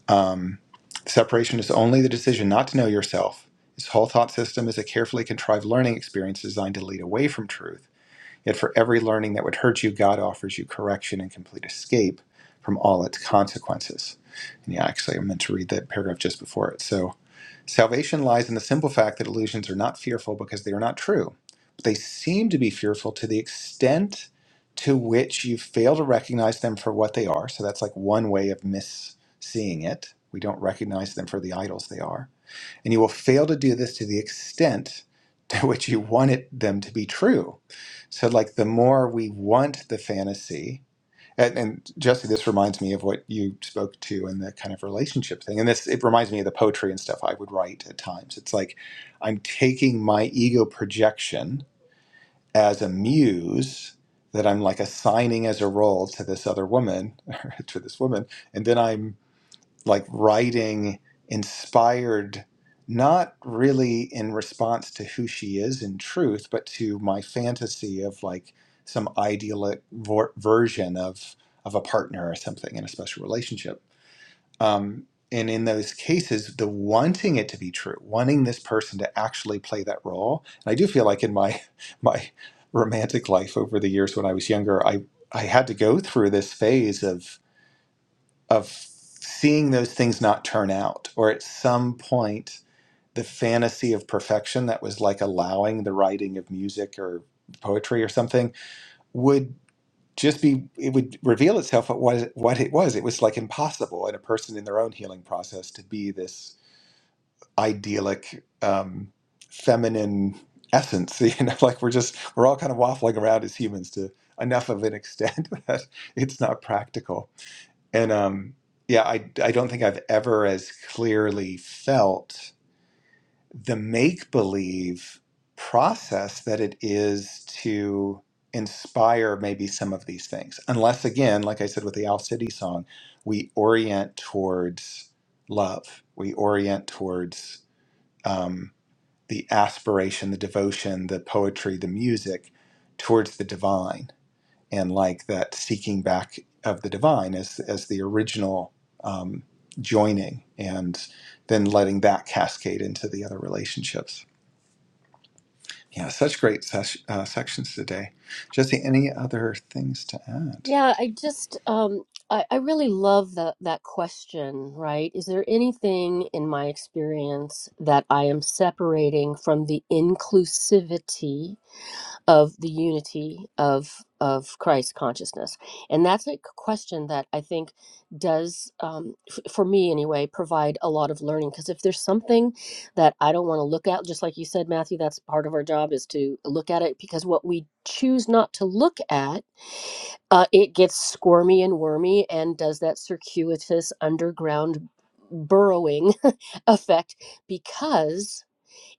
D: um, separation is only the decision not to know yourself. This whole thought system is a carefully contrived learning experience designed to lead away from truth. Yet for every learning that would hurt you, God offers you correction and complete escape from all its consequences. And yeah, actually, I meant to read that paragraph just before it. So Salvation lies in the simple fact that illusions are not fearful because they are not true. But they seem to be fearful to the extent to which you fail to recognize them for what they are. So that's like one way of misseeing it. We don't recognize them for the idols they are. And you will fail to do this to the extent to which you want it, them to be true. So, like, the more we want the fantasy, and, and Jesse, this reminds me of what you spoke to and the kind of relationship thing. And this, it reminds me of the poetry and stuff I would write at times. It's like I'm taking my ego projection as a muse that I'm like assigning as a role to this other woman, to this woman. And then I'm like writing inspired not really in response to who she is in truth but to my fantasy of like some ideal vor- version of of a partner or something in a special relationship um, and in those cases the wanting it to be true wanting this person to actually play that role and i do feel like in my my romantic life over the years when i was younger i i had to go through this phase of of seeing those things not turn out, or at some point, the fantasy of perfection that was like allowing the writing of music or poetry or something would just be it would reveal itself at what what it was. It was like impossible in a person in their own healing process to be this idyllic um, feminine essence. You know, like we're just we're all kind of waffling around as humans to enough of an extent that it's not practical and um, yeah, I, I don't think I've ever as clearly felt the make believe process that it is to inspire maybe some of these things. Unless, again, like I said with the Owl City song, we orient towards love, we orient towards um, the aspiration, the devotion, the poetry, the music towards the divine and like that seeking back of the divine as as the original um, joining, and then letting that cascade into the other relationships. Yeah, such great ses- uh, sections today. Jesse, any other things to add?
A: Yeah, I just um I, I really love that that question, right? Is there anything in my experience that I am separating from the inclusivity of the unity of of Christ consciousness? And that's a question that I think does um f- for me anyway provide a lot of learning because if there's something that I don't want to look at just like you said Matthew, that's part of our job is to look at it because what we choose not to look at uh, it gets squirmy and wormy and does that circuitous underground burrowing effect because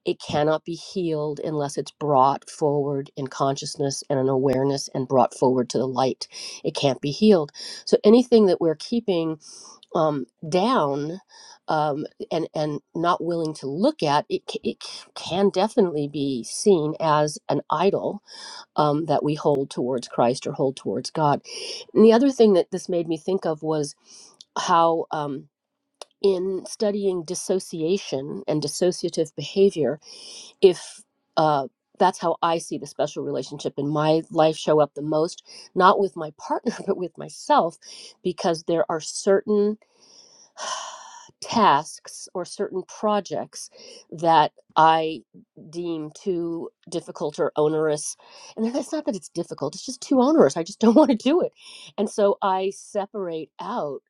A: it cannot be healed unless it's brought forward in consciousness and an awareness and brought forward to the light. It can't be healed. So anything that we're keeping um, down um, and and not willing to look at, it, ca- it c- can definitely be seen as an idol um, that we hold towards Christ or hold towards God. And the other thing that this made me think of was how, um, in studying dissociation and dissociative behavior, if uh, that's how I see the special relationship in my life show up the most, not with my partner, but with myself, because there are certain tasks or certain projects that I deem too difficult or onerous. And then it's not that it's difficult, it's just too onerous. I just don't want to do it. And so I separate out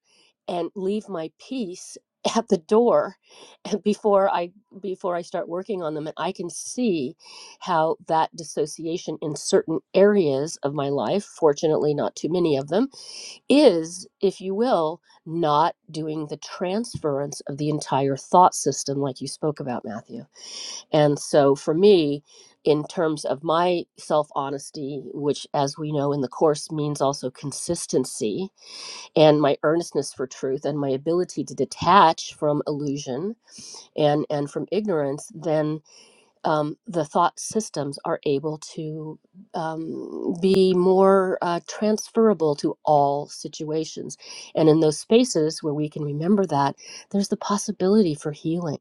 A: and leave my piece at the door before I before I start working on them and I can see how that dissociation in certain areas of my life fortunately not too many of them is, if you will, not doing the transference of the entire thought system like you spoke about, Matthew. And so for me, in terms of my self honesty, which, as we know in the Course, means also consistency and my earnestness for truth and my ability to detach from illusion and, and from ignorance, then um, the thought systems are able to um, be more uh, transferable to all situations. And in those spaces where we can remember that, there's the possibility for healing.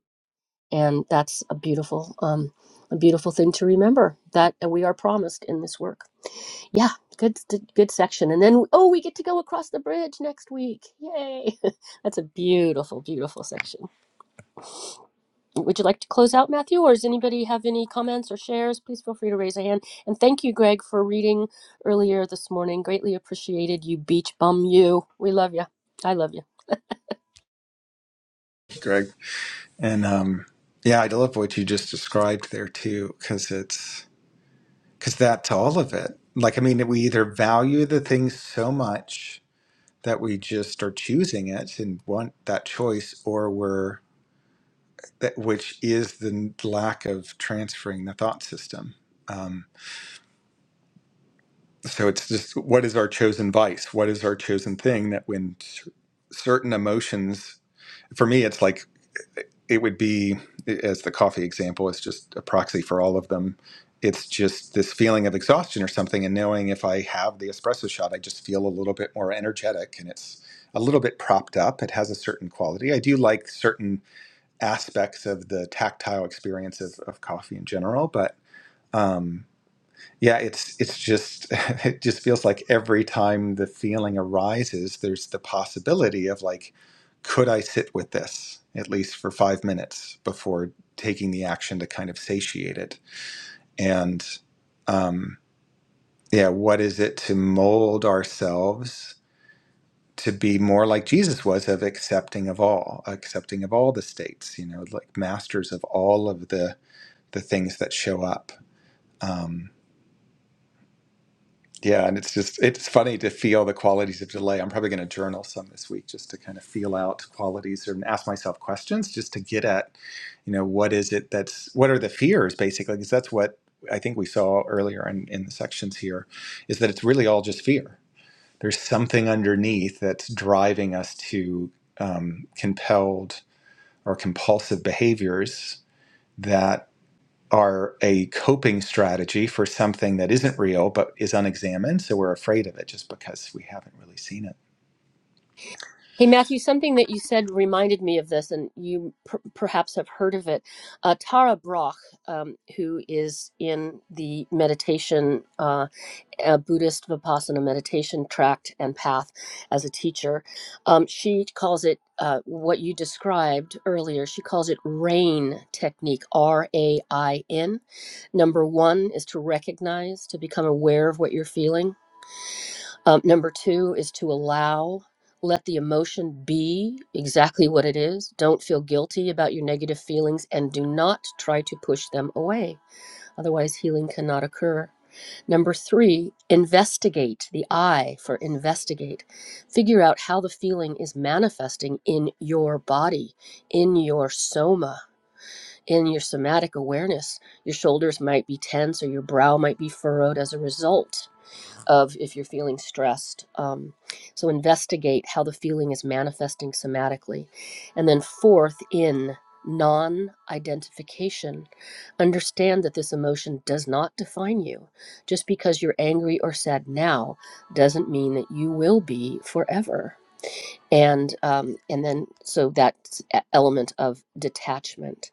A: And that's a beautiful, um, a beautiful thing to remember that uh, we are promised in this work. Yeah, good, good section. And then, oh, we get to go across the bridge next week. Yay! that's a beautiful, beautiful section. Would you like to close out, Matthew, or does anybody have any comments or shares? Please feel free to raise a hand. And thank you, Greg, for reading earlier this morning. Greatly appreciated you, beach bum. You, we love you. I love you.
D: Greg and um, yeah, I love what you just described there too, because it's because that's all of it. Like, I mean, we either value the thing so much that we just are choosing it and want that choice, or we're that which is the lack of transferring the thought system. Um, so it's just what is our chosen vice? What is our chosen thing that when cer- certain emotions, for me, it's like it would be, as the coffee example, it's just a proxy for all of them. It's just this feeling of exhaustion or something, and knowing if I have the espresso shot, I just feel a little bit more energetic and it's a little bit propped up. It has a certain quality. I do like certain aspects of the tactile experience of, of coffee in general. But um, yeah, it's it's just it just feels like every time the feeling arises, there's the possibility of like, could I sit with this at least for five minutes before taking the action to kind of satiate it? And um, yeah, what is it to mold ourselves? to be more like Jesus was of accepting of all, accepting of all the states, you know, like masters of all of the the things that show up. Um, yeah, and it's just it's funny to feel the qualities of delay. I'm probably going to journal some this week just to kind of feel out qualities or ask myself questions just to get at, you know, what is it that's what are the fears basically? Because that's what I think we saw earlier in, in the sections here, is that it's really all just fear. There's something underneath that's driving us to um, compelled or compulsive behaviors that. are a coping strategy for something that isn't real but is unexamined. So we're afraid of it just because we haven't really seen it.
A: Hey, Matthew, something that you said reminded me of this, and you per- perhaps have heard of it. Uh, Tara Brach, um, who is in the meditation. uh, a Buddhist Vipassana meditation tract and path as a teacher. Um, she calls it uh, what you described earlier. She calls it RAIN technique, R A I N. Number one is to recognize, to become aware of what you're feeling. Um, number two is to allow. Let the emotion be exactly what it is. Don't feel guilty about your negative feelings and do not try to push them away. Otherwise, healing cannot occur. Number three, investigate the I for investigate. Figure out how the feeling is manifesting in your body, in your soma, in your somatic awareness. Your shoulders might be tense or your brow might be furrowed as a result of if you're feeling stressed. Um, so investigate how the feeling is manifesting somatically. And then, fourth, in non identification, understand that this emotion does not define you. Just because you're angry or sad now doesn't mean that you will be forever. And um, and then so that element of detachment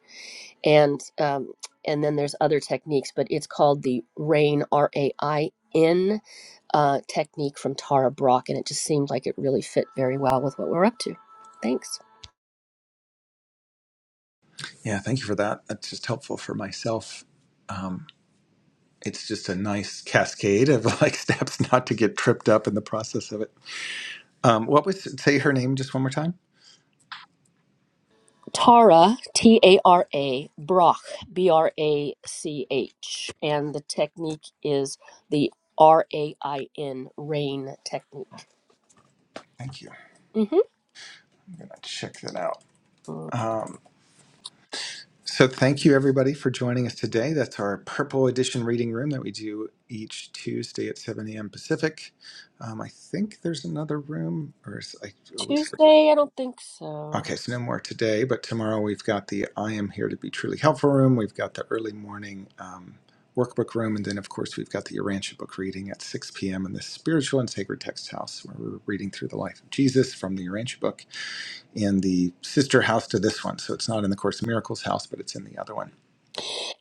A: and um, and then there's other techniques, but it's called the RAIN R A I N uh, technique from Tara Brock, and it just seemed like it really fit very well with what we're up to. Thanks,
D: Yeah, thank you for that. That's just helpful for myself. Um, it's just a nice cascade of like steps not to get tripped up in the process of it. Um, what was say her name just one more time?
A: Tara T A R A Brock B R A C H, and the technique is the R A I N RAIN RAIN technique.
D: Thank you. I'm
A: Mm-hmm.
D: gonna check that out. So, thank you everybody for joining us today. That's our Purple Edition reading room that we do each Tuesday at 7 a.m. Pacific. Um, I think there's another room, or is, I always forget.
A: Tuesday, I don't think so.
D: Okay, so no more today, but tomorrow we've got the I Am Here to Be Truly Helpful room. We've got the early morning um, workbook room. And then, of course, we've got the Urantia book reading at 6 p.m. in the Spiritual and Sacred Text House, where we're reading through the life of Jesus from the Urantia book in the sister house to this one. So, it's not in the Course in Miracles house, but it's in the other one.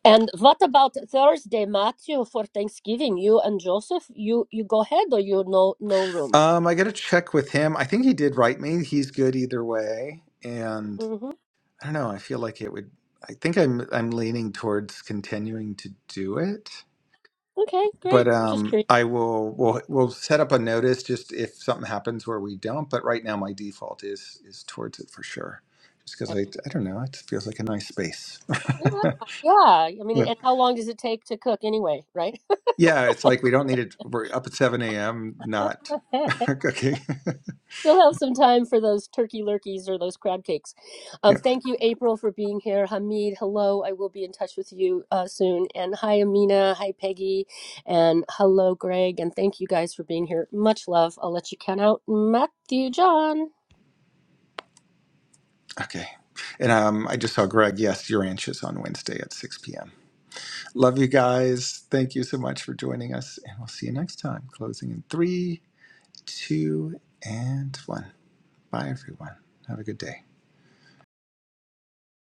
A: And what about Thursday, Matthew, for Thanksgiving? You and Joseph, you you go ahead, or you no no room?
D: Um, I got to check with him. I think he did write me. He's good either way, and
A: hmm
D: I don't know. I feel like it would. I think I'm I'm leaning towards continuing to do it,
A: Okay,
D: but
A: great. I'm just
D: um,
A: curious.
D: I will we'll we'll set up a notice just if something happens where we don't. But right now, my default is is towards it for sure, just because I I don't know. It feels like a nice space.
A: Yeah, yeah. I mean,
D: yeah,
A: and how long does it take to cook anyway? Right?
D: Yeah, it's like we don't need it. We're up at seven a.m. Not okay.
A: Still have some time for those turkey lurkeys or those crab cakes. Um, thank you, April, for being here. Hamid, hello. I will be in touch with you uh, soon. And hi, Amina. Hi, Peggy. And hello, Greg. And thank you guys for being here. Much love. I'll let you count out Matthew John.
D: Okay. And um, I just saw Greg. Yes, your ranch is on Wednesday at 6 p.m. Love you guys. Thank you so much for joining us. And we'll see you next time. Closing in three, two, and one. Bye, everyone. Have a good day.